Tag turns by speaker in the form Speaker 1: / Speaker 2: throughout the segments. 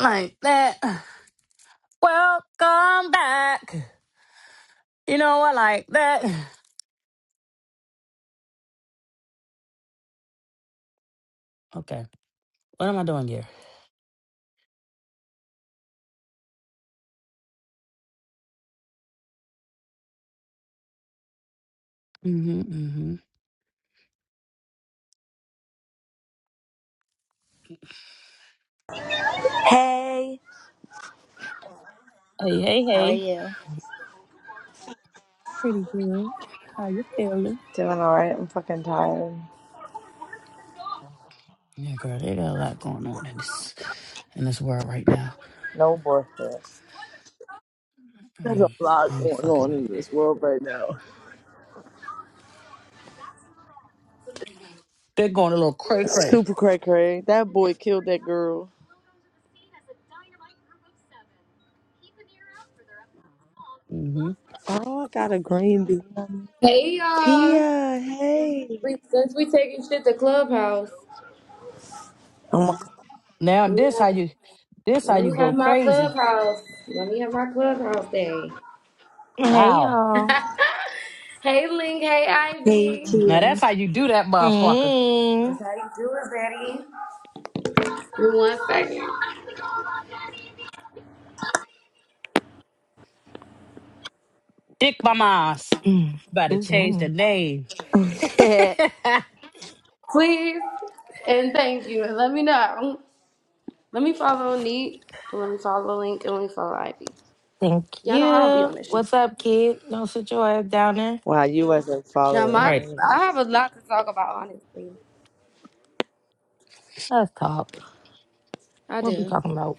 Speaker 1: like that. Welcome back. You know I like that. Okay, what am I doing here? Mm-hmm, mm-hmm.
Speaker 2: Hey,
Speaker 1: Hey, hey,
Speaker 2: how are
Speaker 1: hey.
Speaker 2: you?
Speaker 1: Pretty good. How you feeling?
Speaker 2: Doing all right. I'm fucking tired.
Speaker 1: Yeah, girl, they got a lot going on in this in this world right now. I
Speaker 2: There's a
Speaker 1: ain't,
Speaker 2: lot
Speaker 1: I ain't
Speaker 2: going
Speaker 1: fucking
Speaker 2: on
Speaker 1: with
Speaker 2: in
Speaker 1: it.
Speaker 2: this world right now.
Speaker 1: They're going a little cray cray.
Speaker 2: Super cray cray. That boy killed that girl.
Speaker 1: Mm-hmm.
Speaker 2: Oh, I got a green bean.
Speaker 3: Hey y'all!
Speaker 2: Tia, hey.
Speaker 3: We, since we taking shit to clubhouse,
Speaker 2: Oh
Speaker 1: Now
Speaker 3: let me
Speaker 1: this how you
Speaker 3: have,
Speaker 1: this how
Speaker 3: let
Speaker 1: you
Speaker 3: me
Speaker 1: go
Speaker 3: have my
Speaker 1: crazy.
Speaker 3: clubhouse. Let me have my clubhouse day.
Speaker 4: Hey
Speaker 1: Wow.
Speaker 4: y'all.
Speaker 3: hey Link, hey
Speaker 2: my Hey,
Speaker 3: Ivy.
Speaker 1: Now that's how you do that, motherfucker.
Speaker 4: Hey.
Speaker 3: Give me One second,
Speaker 1: Dick by my
Speaker 4: Mm,
Speaker 1: About to
Speaker 4: Excuse
Speaker 1: change the
Speaker 4: me.
Speaker 1: name.
Speaker 2: Tia.
Speaker 3: please, and thank you. And let me know. Let me follow Neat. And let me follow Link. And let me follow Ivy.
Speaker 4: Thank
Speaker 3: Y'all know I don't be
Speaker 4: you.
Speaker 3: on this. Shit.
Speaker 4: What's up, kid? Don't sit your ass down there.
Speaker 2: Wow, you wasn't
Speaker 3: Now
Speaker 1: All
Speaker 2: following
Speaker 3: my,
Speaker 2: none
Speaker 1: right.
Speaker 2: of
Speaker 3: I
Speaker 2: us.
Speaker 3: have a lot to talk about. Honestly,
Speaker 4: Let's talk.
Speaker 3: I
Speaker 4: What we
Speaker 3: do.
Speaker 4: talking about?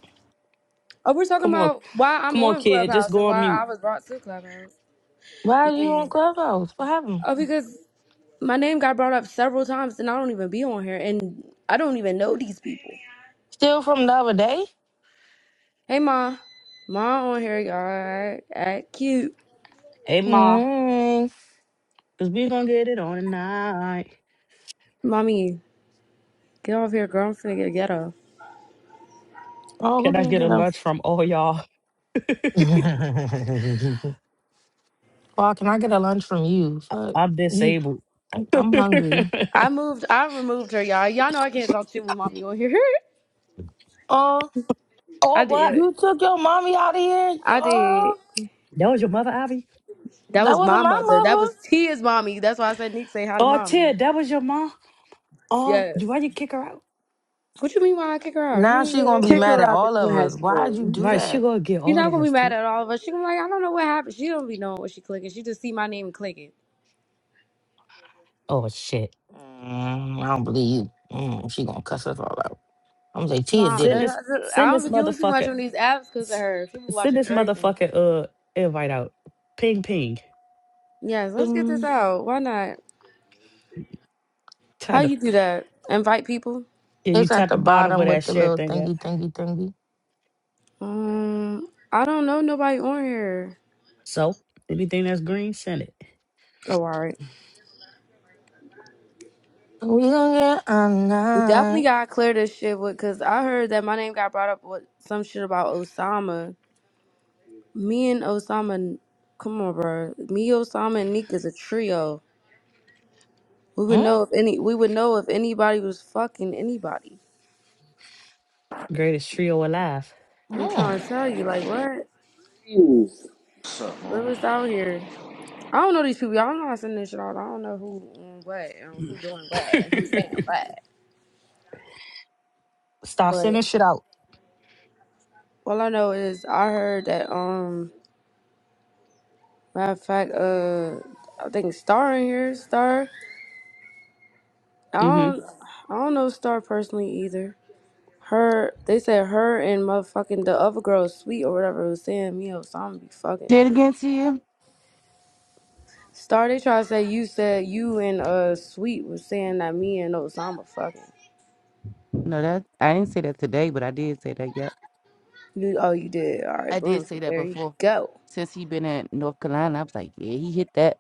Speaker 3: Oh, we're talking
Speaker 1: Come on.
Speaker 3: about why I'm
Speaker 1: Come on,
Speaker 3: on
Speaker 1: kid. Just
Speaker 3: Clubhouse
Speaker 1: go
Speaker 3: and
Speaker 1: on
Speaker 3: why
Speaker 1: mute.
Speaker 3: I was brought to Clubhouse.
Speaker 4: Why are you
Speaker 3: Yeah.
Speaker 4: on Clubhouse? What happened?
Speaker 3: Oh, because my name got brought up several times and I don't even be on here and I don't even know these people.
Speaker 4: Still from the other day?
Speaker 3: Hey, Ma. Ma on here, y'all. Act cute.
Speaker 1: Hey, ma.
Speaker 4: Hey.
Speaker 1: Because we going to get it on tonight.
Speaker 3: Mommy, get off here, girl. I'm finna get ghetto.
Speaker 4: Oh, who
Speaker 1: Can I
Speaker 4: didn't
Speaker 1: get a lunch
Speaker 4: get
Speaker 1: from all y'all?
Speaker 4: a Well, can I get a lunch from you?
Speaker 1: I-
Speaker 4: Fuck.
Speaker 1: I'm
Speaker 4: You
Speaker 1: disabled. oh,
Speaker 4: I'm hungry.
Speaker 3: I moved, I removed her, y'all. Y'all know I can't talk shit with mommy on here.
Speaker 4: Oh,
Speaker 3: I
Speaker 1: what?
Speaker 3: did.
Speaker 4: you took your mommy out of here?
Speaker 3: I did.
Speaker 4: Oh,
Speaker 1: That was your mother, Ivy?
Speaker 3: That
Speaker 4: that
Speaker 3: was
Speaker 4: wasn't
Speaker 3: my
Speaker 4: my
Speaker 3: mother. That
Speaker 4: mother.
Speaker 3: was Tia's mommy. That's why I said Nick say hi to
Speaker 1: Oh,
Speaker 3: mommy.
Speaker 1: Tia, that was your mom? Oh,
Speaker 3: Yes.
Speaker 1: why you kick her out?
Speaker 3: What you mean why I kick her out? You
Speaker 4: Now
Speaker 3: don't need
Speaker 4: she
Speaker 3: to do
Speaker 4: gonna
Speaker 3: that
Speaker 4: be
Speaker 2: Kick
Speaker 3: shit.
Speaker 4: mad
Speaker 2: her
Speaker 4: at
Speaker 2: out the
Speaker 4: all of us. Why'd you
Speaker 2: classroom.
Speaker 4: do
Speaker 1: Right, she
Speaker 4: that?
Speaker 1: going to get
Speaker 3: She's
Speaker 1: all
Speaker 3: not
Speaker 1: of
Speaker 3: gonna be
Speaker 1: us,
Speaker 3: mad
Speaker 1: Tia.
Speaker 3: at all of us. She gonna be like, I don't know what happened. She don't be knowing what she clicking. She just see my name and clicking.
Speaker 1: Oh, shit.
Speaker 4: Mm, I don't believe you. Mm, she gonna cuss us all out. I'm gonna say Tia
Speaker 3: Nah,
Speaker 4: did
Speaker 1: Send
Speaker 4: it.
Speaker 1: this,
Speaker 3: that- that- I
Speaker 1: send
Speaker 3: don't
Speaker 1: this
Speaker 3: be doing too much
Speaker 1: motherfucker,
Speaker 3: on these apps because of
Speaker 1: s-
Speaker 3: her. She be
Speaker 1: send
Speaker 3: watching
Speaker 1: this
Speaker 3: everything.
Speaker 1: motherfucker, uh, invite out. Ping, ping.
Speaker 3: Yes, let's get this
Speaker 4: Bing.
Speaker 3: out. Why not? How
Speaker 1: Tap the,
Speaker 3: you do that? Invite people?
Speaker 1: yeah, you
Speaker 4: It's at
Speaker 1: tap
Speaker 4: the
Speaker 1: the bottom
Speaker 4: bottom
Speaker 1: where
Speaker 4: with
Speaker 1: that
Speaker 4: the
Speaker 1: share
Speaker 4: little
Speaker 1: thing at.
Speaker 4: thingy, thingy, thingy.
Speaker 3: Um, I don't know nobody on here.
Speaker 1: So anything that's green, send it.
Speaker 3: Oh, all right.
Speaker 4: We gonna get all
Speaker 3: We definitely
Speaker 4: night.
Speaker 3: gotta clear this shit with because I heard that my name got brought up with some shit about Osama. Me and Osama, come on, bro. Me, Osama, and Neek is a trio. We would
Speaker 4: Mm,
Speaker 3: know if any. We would know if anybody was fucking anybody.
Speaker 1: Greatest trio alive.
Speaker 3: I'm trying
Speaker 4: mm.
Speaker 3: to tell you, like, what?
Speaker 5: What's up, man?
Speaker 3: Real is out here. I don't know these people. Y'all don't know how to send this shit out. I don't know who on what and who doing what and who's saying what.
Speaker 1: Stop sending
Speaker 3: But
Speaker 1: shit out.
Speaker 3: all I know is I heard that um matter of fact, uh I think Star in here, Star. I
Speaker 1: hmm
Speaker 3: don't I don't know Star personally either. Her they said her and motherfucking the other girl sweet or whatever was saying me or something be fucking.
Speaker 6: Did it again to you?
Speaker 3: Star they try to say you said you and uh Sweet was saying that me and Osama fucking.
Speaker 6: No, that I didn't say that today, but I did say that. Yeah,
Speaker 3: You oh you did.
Speaker 6: I
Speaker 3: Alright, boom.
Speaker 6: did say
Speaker 3: So
Speaker 6: that
Speaker 3: there you
Speaker 6: before.
Speaker 3: go.
Speaker 6: Since he been in North Carolina, I was like, yeah, he hit that.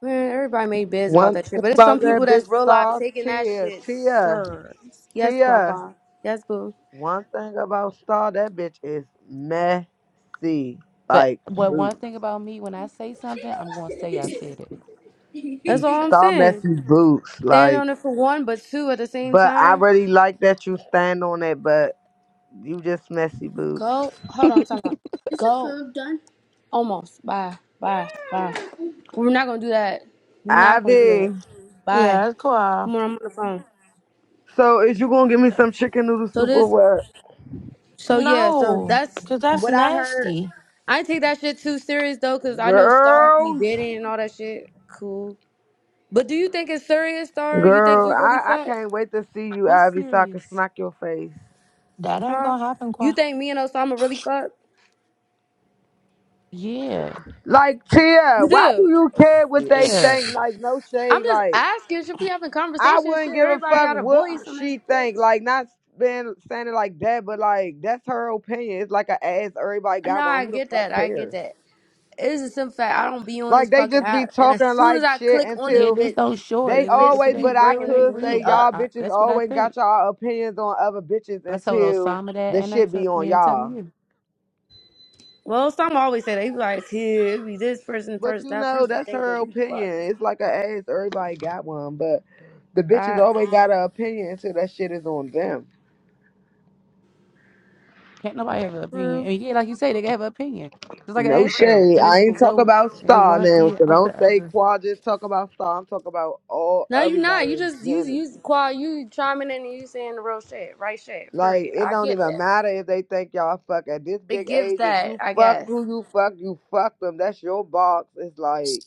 Speaker 3: Man, everybody made beds about
Speaker 7: One
Speaker 3: that shit,
Speaker 7: thing
Speaker 3: but it's
Speaker 7: about
Speaker 3: some people
Speaker 7: that bitch
Speaker 3: that's real life
Speaker 7: star,
Speaker 3: taking that
Speaker 7: Tia,
Speaker 3: shit,
Speaker 7: Tia,
Speaker 3: sir. Yes,
Speaker 7: Tia.
Speaker 3: Kwakwa. Yes, boo.
Speaker 7: One thing about star, that bitch is messy,
Speaker 6: But
Speaker 7: like
Speaker 6: but one
Speaker 7: boots.
Speaker 6: thing about me, when I say something, I'm gonna say I said it.
Speaker 3: That's all I'm
Speaker 7: Star
Speaker 3: saying.
Speaker 7: messy boots,
Speaker 3: Stand
Speaker 7: like.
Speaker 3: on it for one, but two at the same
Speaker 7: But I
Speaker 3: time.
Speaker 7: really like that you stand on it, but you just messy boots.
Speaker 3: Go. Hold on, time out. Is the Go. food done? Almost. Bye. Bye. Bye. We're not gonna do that. We're not gonna do
Speaker 7: Ivy,
Speaker 3: that. Bye.
Speaker 4: Yeah, it's Qua.
Speaker 3: Come on, I'm on the phone.
Speaker 7: so is you gonna give me some chicken noodle
Speaker 3: So
Speaker 7: soup or
Speaker 3: this.
Speaker 7: what,
Speaker 3: So yeah. So
Speaker 4: No,
Speaker 3: that's
Speaker 4: cause that's
Speaker 3: what I heard.
Speaker 4: nasty.
Speaker 3: I take that shit too serious though, cause I know Star be
Speaker 7: girl?
Speaker 3: bidding and all that shit. Cool. But do you think it's serious, Star? You think
Speaker 7: Girl,
Speaker 3: we really
Speaker 7: I I
Speaker 3: fuck?
Speaker 7: can't wait to see you,
Speaker 6: What's
Speaker 7: Ivy, so I can
Speaker 6: serious?
Speaker 7: smack your face.
Speaker 4: That ain't
Speaker 3: Huh?
Speaker 4: gonna happen,
Speaker 3: You
Speaker 4: Qua.
Speaker 3: think me and Osama really fuck?
Speaker 6: Yeah,
Speaker 7: Like, Tia,
Speaker 3: You
Speaker 7: why do
Speaker 3: do.
Speaker 7: you care what they
Speaker 6: yeah,
Speaker 7: think? Like, no
Speaker 3: I'm
Speaker 7: shade.
Speaker 3: just
Speaker 7: Like,
Speaker 3: asking, should we having
Speaker 7: I
Speaker 3: conversations?
Speaker 7: wouldn't
Speaker 3: Shit,
Speaker 7: give a
Speaker 3: everybody
Speaker 7: fuck
Speaker 3: got a
Speaker 7: what
Speaker 3: voice on this
Speaker 7: she think.
Speaker 3: bitch.
Speaker 7: Like, not being standing like that, but like that's her opinion. It's like an ass. Everybody
Speaker 3: No,
Speaker 7: got one.
Speaker 3: I
Speaker 7: Who the
Speaker 3: get
Speaker 7: fuck
Speaker 3: that. I get
Speaker 7: cares?
Speaker 3: that. It's a simple fact. I don't be on this
Speaker 7: Like, they
Speaker 3: fucking
Speaker 7: just be
Speaker 3: app. And as
Speaker 7: talking
Speaker 3: soon as
Speaker 7: like
Speaker 3: I
Speaker 7: shit
Speaker 3: click on this
Speaker 6: yeah.
Speaker 7: until
Speaker 6: Just
Speaker 3: bitch,
Speaker 6: don't show it.
Speaker 7: they
Speaker 3: this
Speaker 6: it ain't,
Speaker 3: bitch
Speaker 6: if it
Speaker 7: always. But
Speaker 3: keep
Speaker 6: ain't
Speaker 7: I
Speaker 6: real, it ain't
Speaker 7: could
Speaker 3: bringing
Speaker 6: real.
Speaker 7: say
Speaker 3: me
Speaker 6: But
Speaker 7: y'all
Speaker 3: up.
Speaker 6: I,
Speaker 7: bitches
Speaker 6: that's what I
Speaker 7: always
Speaker 6: think.
Speaker 7: got y'all opinions on other bitches
Speaker 6: I told
Speaker 7: until
Speaker 6: Osama that,
Speaker 7: the
Speaker 6: and I
Speaker 7: shit be
Speaker 6: told me
Speaker 7: on
Speaker 6: and telling
Speaker 7: y'all.
Speaker 6: you,
Speaker 3: Well, Osama always say that. He be like, here, it be this person
Speaker 7: But
Speaker 3: first,
Speaker 7: you
Speaker 3: that
Speaker 7: know,
Speaker 3: person
Speaker 7: that's
Speaker 3: think
Speaker 7: her
Speaker 3: that we
Speaker 7: opinion.
Speaker 3: fucking.
Speaker 7: It's like I asked, everybody got one, but the bitches
Speaker 3: That's
Speaker 7: always got an opinion until that shit is on them.
Speaker 6: can't nobody have an opinion.
Speaker 3: true.
Speaker 6: And yeah, like you say, they can have an opinion, just like an
Speaker 7: No
Speaker 6: asshole,
Speaker 7: shade.
Speaker 6: and
Speaker 7: I
Speaker 6: it's
Speaker 7: ain't
Speaker 6: gonna
Speaker 7: talk
Speaker 6: go
Speaker 7: about
Speaker 6: in
Speaker 7: star
Speaker 6: one
Speaker 7: now,
Speaker 6: ear
Speaker 7: so
Speaker 6: out
Speaker 7: don't
Speaker 6: the
Speaker 7: say
Speaker 6: other.
Speaker 7: quad just talk about star. I'm talking about all
Speaker 3: No, you
Speaker 7: everybody
Speaker 3: not. You
Speaker 7: in
Speaker 3: just you
Speaker 7: general.
Speaker 3: you qua you chiming in and you saying the real shit, right shit.
Speaker 7: Like
Speaker 3: Period.
Speaker 7: it
Speaker 3: I
Speaker 7: don't
Speaker 3: get
Speaker 7: even
Speaker 3: that.
Speaker 7: matter if they think y'all fuck at this
Speaker 3: It
Speaker 7: big
Speaker 3: gives
Speaker 7: age. If
Speaker 3: that,
Speaker 7: you
Speaker 3: I
Speaker 7: fucked
Speaker 3: guess.
Speaker 7: who you fucked, you fucked them. That's your box. It's like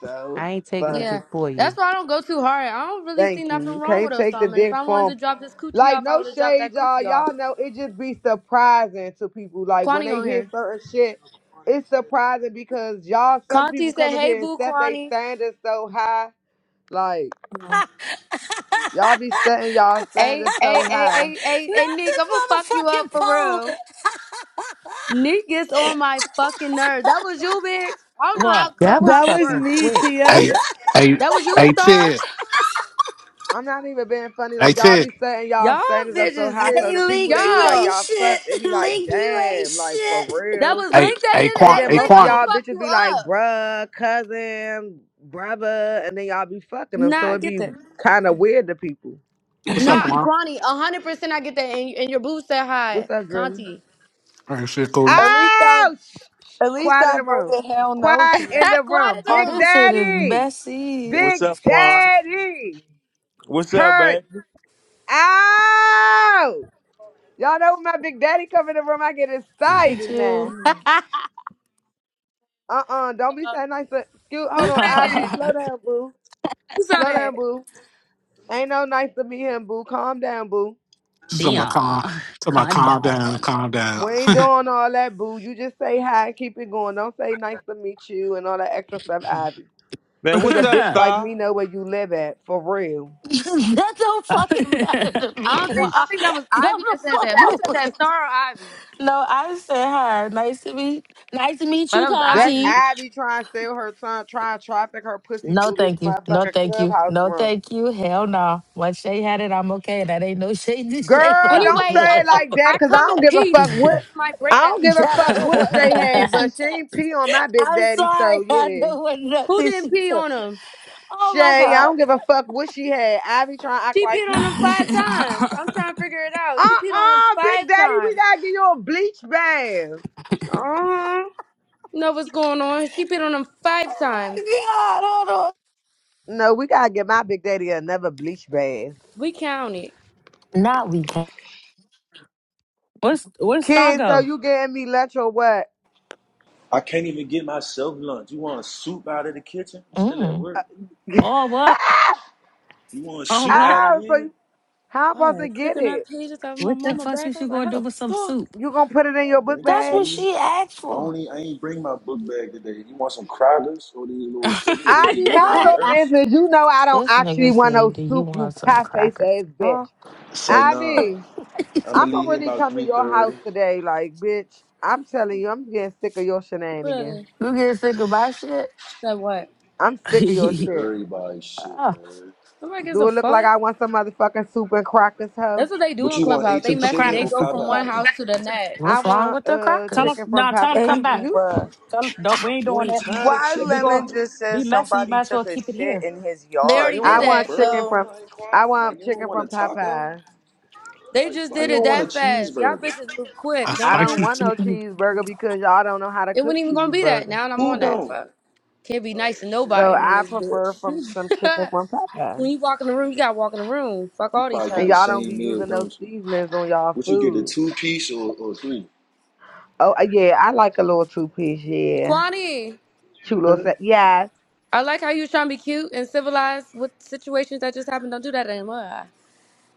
Speaker 7: so
Speaker 6: I ain't taking a
Speaker 7: fuck.
Speaker 3: Yeah,
Speaker 6: dip for
Speaker 3: that's
Speaker 6: you.
Speaker 3: why I don't go too hard. I don't really see
Speaker 7: Thank you.
Speaker 3: nothing
Speaker 7: You
Speaker 3: wrong with
Speaker 7: can't take the
Speaker 3: Osama. If
Speaker 7: dick
Speaker 3: I wanted
Speaker 7: from
Speaker 3: to drop this coochie
Speaker 7: Like
Speaker 3: off, I
Speaker 7: no
Speaker 3: would have dropped
Speaker 7: shade,
Speaker 3: that
Speaker 7: y'all.
Speaker 3: coochie off.
Speaker 7: Y'all know it just be surprising to people. Like when
Speaker 3: Kwani
Speaker 7: they
Speaker 3: on
Speaker 7: hear
Speaker 3: here.
Speaker 7: certain shit, it's surprising because y'all some
Speaker 3: Conti
Speaker 7: people
Speaker 3: said,
Speaker 7: come up
Speaker 3: "Hey,
Speaker 7: here and
Speaker 3: boo,
Speaker 7: set they
Speaker 3: Kwani."
Speaker 7: standards so high. Like
Speaker 3: Mhm.
Speaker 7: y'all be setting y'all
Speaker 3: Hey,
Speaker 7: standards so
Speaker 3: hey, hey,
Speaker 7: high.
Speaker 3: hey, hey, hey, Nick, I'm gonna fuck you up for real. Nick gets on my fucking nerve. That was you, bitch. I don't know how
Speaker 1: What?
Speaker 6: That was
Speaker 2: That
Speaker 3: Clubhouse
Speaker 2: was
Speaker 6: fucking
Speaker 3: works.
Speaker 2: me,
Speaker 6: quick.
Speaker 2: Tia.
Speaker 8: Hey, hey,
Speaker 3: That was you,
Speaker 8: hey,
Speaker 3: Star.
Speaker 8: Ted.
Speaker 7: I'm not even being funny.
Speaker 8: Hey,
Speaker 7: Like y'all
Speaker 8: Ted.
Speaker 7: be setting y'all
Speaker 3: Y'all
Speaker 7: standards up so
Speaker 3: bitches
Speaker 7: high. So
Speaker 3: is
Speaker 4: Hey,
Speaker 7: the people
Speaker 4: Link,
Speaker 7: they be
Speaker 4: you
Speaker 7: like
Speaker 3: y'all.
Speaker 4: ain't
Speaker 7: y'all
Speaker 4: shit.
Speaker 7: fucked. It be like
Speaker 4: Link, you ain't
Speaker 7: damn, like for
Speaker 4: shit.
Speaker 3: That
Speaker 7: real.
Speaker 3: was
Speaker 8: Hey,
Speaker 3: Link that did
Speaker 8: hey,
Speaker 3: it.
Speaker 7: And
Speaker 3: Hey
Speaker 8: Quan.
Speaker 7: then
Speaker 8: Hey,
Speaker 3: Link,
Speaker 7: most of
Speaker 3: I'm
Speaker 8: Quan.
Speaker 7: y'all
Speaker 3: gonna fuck
Speaker 7: bitches
Speaker 3: you
Speaker 7: be like
Speaker 3: up.
Speaker 7: bruh, cousin, brother, and then y'all be fucking them.
Speaker 3: Nah,
Speaker 7: So
Speaker 3: I
Speaker 7: it
Speaker 3: get
Speaker 7: be
Speaker 3: that.
Speaker 7: kind of weird to people.
Speaker 8: What's up,
Speaker 3: Nah,
Speaker 8: Quan?
Speaker 3: Kwani, hundred percent I get that. And, and your boo said hi,
Speaker 7: What's up, Drizzy?
Speaker 3: Conti.
Speaker 8: All right, shit, cool.
Speaker 2: At least I,
Speaker 7: Oh, shh, shh.
Speaker 2: at least
Speaker 7: quiet in
Speaker 2: I
Speaker 7: the room.
Speaker 2: voted hell no,
Speaker 7: Quiet
Speaker 2: Tia.
Speaker 7: in the
Speaker 3: Quad in
Speaker 7: room.
Speaker 3: the
Speaker 4: Oh,
Speaker 7: Big
Speaker 3: room.
Speaker 4: this shit is
Speaker 7: Daddy.
Speaker 4: Bessie.
Speaker 3: What's
Speaker 7: Big
Speaker 3: up, Juan?
Speaker 7: Daddy.
Speaker 3: What's up, babe?
Speaker 7: Heard out. Y'all know when my Big Daddy come in the room, I get
Speaker 4: Did
Speaker 7: excited
Speaker 4: you?
Speaker 7: now. Uh-uh. Don't be saying nice to... Dude, hold
Speaker 3: Who
Speaker 7: on,
Speaker 3: said
Speaker 7: Ivy.
Speaker 3: that?
Speaker 7: Slow down, boo.
Speaker 3: Who said
Speaker 7: Slow down,
Speaker 3: that?
Speaker 7: boo. Ain't no nice to meet him, boo. Calm down, boo.
Speaker 8: Something about calm.
Speaker 1: Dion,
Speaker 8: Something about
Speaker 1: calm
Speaker 8: calm down,
Speaker 1: down.
Speaker 8: calm
Speaker 7: We
Speaker 8: down.
Speaker 7: ain't doing all that, boo. You just say hi and keep it going. Don't say nice to meet you and all that extra stuff, Ivy.
Speaker 3: Man,
Speaker 7: Cause
Speaker 3: what's
Speaker 7: a
Speaker 3: up,
Speaker 7: bitch like me
Speaker 3: Star?
Speaker 7: know where you live at, for real.
Speaker 4: that don't fucking matter to
Speaker 3: I
Speaker 4: me,
Speaker 3: don't
Speaker 4: Qua.
Speaker 3: think I think that was
Speaker 4: Come
Speaker 3: Ivy
Speaker 4: the
Speaker 3: that said that. Who
Speaker 4: fuck
Speaker 3: said that? Star or Ivy?
Speaker 4: No, I said hi. Nice to meet nice to meet
Speaker 3: Oh,
Speaker 4: you,
Speaker 3: that was
Speaker 7: That's
Speaker 4: Conti.
Speaker 3: Ivy.
Speaker 7: Abby trying to sell her son, trying to traffic her pussy
Speaker 4: No,
Speaker 7: through this
Speaker 4: thank you. No,
Speaker 7: motherfucking
Speaker 4: thank you.
Speaker 7: clubhouse
Speaker 4: No,
Speaker 7: room.
Speaker 4: thank you. Hell no. Once Shay had it, I'm okay. That ain't no shade to Shay, but
Speaker 7: Girl,
Speaker 4: I'm
Speaker 7: don't
Speaker 3: Anyways,
Speaker 4: good.
Speaker 3: I
Speaker 7: say it
Speaker 3: come
Speaker 7: like
Speaker 3: I
Speaker 7: that, cause I
Speaker 3: come
Speaker 7: don't
Speaker 3: in
Speaker 7: give a
Speaker 3: peace
Speaker 7: fuck
Speaker 3: until
Speaker 7: what
Speaker 3: somebody
Speaker 7: I
Speaker 3: break
Speaker 7: don't
Speaker 3: that
Speaker 7: give
Speaker 3: peace.
Speaker 7: a
Speaker 4: I
Speaker 7: fuck
Speaker 4: don't
Speaker 7: what
Speaker 4: want
Speaker 7: Shay
Speaker 4: nothing
Speaker 7: had,
Speaker 4: she
Speaker 7: but she ain't
Speaker 4: touched.
Speaker 7: pee on my big
Speaker 4: I'm
Speaker 7: daddy, so
Speaker 4: sorry. I
Speaker 7: yeah.
Speaker 4: don't want
Speaker 3: Who
Speaker 4: nothing she
Speaker 3: didn't pee
Speaker 4: touched.
Speaker 3: on him?
Speaker 4: Oh my
Speaker 7: Shay, I
Speaker 4: God.
Speaker 7: don't give a fuck what she had. Abby trying to act
Speaker 3: She
Speaker 7: like
Speaker 3: peed on
Speaker 7: he
Speaker 3: him five times. I'm trying to figure it out. She peed on him
Speaker 7: uh-uh,
Speaker 3: five
Speaker 7: big daddy, we
Speaker 3: times.
Speaker 7: gotta get you a bleach bath.
Speaker 3: Uh huh. Know what's going on? She peed on him five
Speaker 4: Oh my
Speaker 3: times.
Speaker 4: God. Hold
Speaker 7: No, we gotta get my big daddy another bleach bath.
Speaker 3: We counted.
Speaker 4: on. Not we can.
Speaker 1: what's where's
Speaker 7: Kid, so
Speaker 1: Stago?
Speaker 7: you getting me lunch or what?
Speaker 5: I can't even get myself lunch. You want a soup out of the kitchen? I'm still at
Speaker 4: Mm.
Speaker 5: work.
Speaker 1: Oh what?
Speaker 5: You want a
Speaker 1: Oh
Speaker 5: soup
Speaker 1: what?
Speaker 5: out of
Speaker 7: Ah, so
Speaker 5: here?
Speaker 7: you, how I'm
Speaker 3: I
Speaker 7: supposed to
Speaker 3: started
Speaker 7: get
Speaker 3: clicking
Speaker 7: it?
Speaker 3: up pages of my
Speaker 1: What the
Speaker 3: mama
Speaker 1: fuck
Speaker 3: back. I
Speaker 1: is you
Speaker 3: was like,
Speaker 1: gonna
Speaker 3: how
Speaker 1: do
Speaker 3: the
Speaker 1: with some
Speaker 3: fuck?
Speaker 1: soup?
Speaker 7: You gonna put it in
Speaker 5: I
Speaker 7: your book
Speaker 5: bring it
Speaker 4: That's
Speaker 5: to
Speaker 7: bag?
Speaker 4: what
Speaker 5: you.
Speaker 4: she asked
Speaker 5: I
Speaker 4: for.
Speaker 5: only I ain't bring my book bag today. You want some Kragers or these little cookies they
Speaker 7: I
Speaker 5: be
Speaker 7: be
Speaker 5: giving
Speaker 7: mind
Speaker 5: the
Speaker 3: What?
Speaker 7: your
Speaker 5: nurse?
Speaker 7: business. You know I don't
Speaker 4: This
Speaker 7: actually
Speaker 4: nigga
Speaker 7: want
Speaker 4: said,
Speaker 7: no
Speaker 4: Do you
Speaker 7: soup, you
Speaker 4: want some
Speaker 7: pie face
Speaker 4: cracker?
Speaker 7: ass
Speaker 4: Huh?
Speaker 7: bitch.
Speaker 5: It's like nah.
Speaker 7: Ivy,
Speaker 5: I'ma
Speaker 7: I'ma
Speaker 5: leave here
Speaker 7: really
Speaker 5: about
Speaker 7: come to
Speaker 5: three
Speaker 7: your house
Speaker 5: thirty.
Speaker 7: today, like bitch. I'm telling you, I'm getting sick of your
Speaker 3: What are
Speaker 7: shenanigans.
Speaker 3: they?
Speaker 4: You get sick of my shit?
Speaker 3: That what?
Speaker 7: I'm sick of your
Speaker 5: Sick of
Speaker 7: shit.
Speaker 5: everybody shit,
Speaker 4: Ah.
Speaker 5: man.
Speaker 3: Nobody gives
Speaker 7: Do
Speaker 3: a
Speaker 7: it look like
Speaker 3: fuck.
Speaker 7: I want some motherfucking soup and crackers, hoe?
Speaker 3: That's what they do
Speaker 5: What
Speaker 3: on
Speaker 5: you want,
Speaker 3: Clubhouse.
Speaker 5: H
Speaker 3: They
Speaker 5: and
Speaker 1: super
Speaker 3: messy.
Speaker 5: chicken
Speaker 3: They
Speaker 1: cracker,
Speaker 5: or
Speaker 3: go
Speaker 1: super
Speaker 3: from one
Speaker 1: cracker.
Speaker 5: Popeyes?
Speaker 3: house to the
Speaker 7: I
Speaker 3: next.
Speaker 4: What's wrong
Speaker 7: want
Speaker 4: with the
Speaker 7: uh
Speaker 1: Tell him,
Speaker 4: crackers?
Speaker 7: chicken from
Speaker 1: nah, tell
Speaker 7: Popeye.
Speaker 1: him
Speaker 7: Uh,
Speaker 2: Hey,
Speaker 1: come back.
Speaker 7: You,
Speaker 2: bruh.
Speaker 1: Tell him, nope, we ain't
Speaker 5: You
Speaker 1: doing
Speaker 5: ain't
Speaker 1: that.
Speaker 5: tired of
Speaker 2: Why
Speaker 1: If we
Speaker 5: chicken
Speaker 1: gonna
Speaker 2: Lemon
Speaker 5: though?
Speaker 2: just
Speaker 1: be
Speaker 2: says
Speaker 1: messy, you
Speaker 2: somebody
Speaker 1: might as well
Speaker 2: took a
Speaker 1: keep it
Speaker 2: shit
Speaker 1: here.
Speaker 2: in his
Speaker 3: They
Speaker 5: Like you
Speaker 2: yard,
Speaker 3: already
Speaker 5: don't
Speaker 7: I
Speaker 3: did
Speaker 5: want
Speaker 2: bro?
Speaker 5: a
Speaker 7: want
Speaker 3: that,
Speaker 5: burger
Speaker 7: chicken
Speaker 5: or
Speaker 3: so
Speaker 7: from,
Speaker 5: nothing,
Speaker 7: I
Speaker 5: Quan? Like
Speaker 7: want
Speaker 5: you don't
Speaker 7: chicken
Speaker 5: want a
Speaker 7: from
Speaker 5: taco?
Speaker 7: Popeye.
Speaker 3: they
Speaker 5: Like,
Speaker 3: just
Speaker 5: why
Speaker 3: did
Speaker 5: you
Speaker 3: it
Speaker 5: don't want a
Speaker 3: that fast. Y'all
Speaker 5: cheeseburger?
Speaker 3: bitches move quick,
Speaker 8: A
Speaker 7: I
Speaker 3: don't
Speaker 7: don't
Speaker 3: you?
Speaker 8: spicy
Speaker 7: want no
Speaker 8: chicken.
Speaker 7: cheeseburger because y'all don't know how to
Speaker 3: It
Speaker 7: cook
Speaker 3: wasn't even gonna be that.
Speaker 7: cheeseburger.
Speaker 3: Now I'm
Speaker 5: Who
Speaker 3: on that,
Speaker 5: don't?
Speaker 3: fuck. Can't be
Speaker 5: Oh
Speaker 3: nice to
Speaker 7: So
Speaker 5: shit.
Speaker 3: nobody around
Speaker 7: I
Speaker 3: this
Speaker 7: prefer
Speaker 3: bitch.
Speaker 7: from some chicken from Popeyes.
Speaker 3: when you walk in the room, you gotta walk in the room. Fuck
Speaker 5: You
Speaker 3: all these
Speaker 5: probably get
Speaker 7: And
Speaker 5: the
Speaker 7: y'all
Speaker 3: hoes.
Speaker 7: don't be
Speaker 5: same meal,
Speaker 7: using those
Speaker 5: don't you?
Speaker 7: seasonings on y'all
Speaker 5: Would you get a
Speaker 7: food.
Speaker 5: two piece or, or three?
Speaker 7: Oh uh, yeah, I like a little two Yeah,
Speaker 3: Kwani,
Speaker 7: cute little set. Yes.
Speaker 3: I like how you was trying to be cute and civilized with situations that just happened. Don't do that anymore.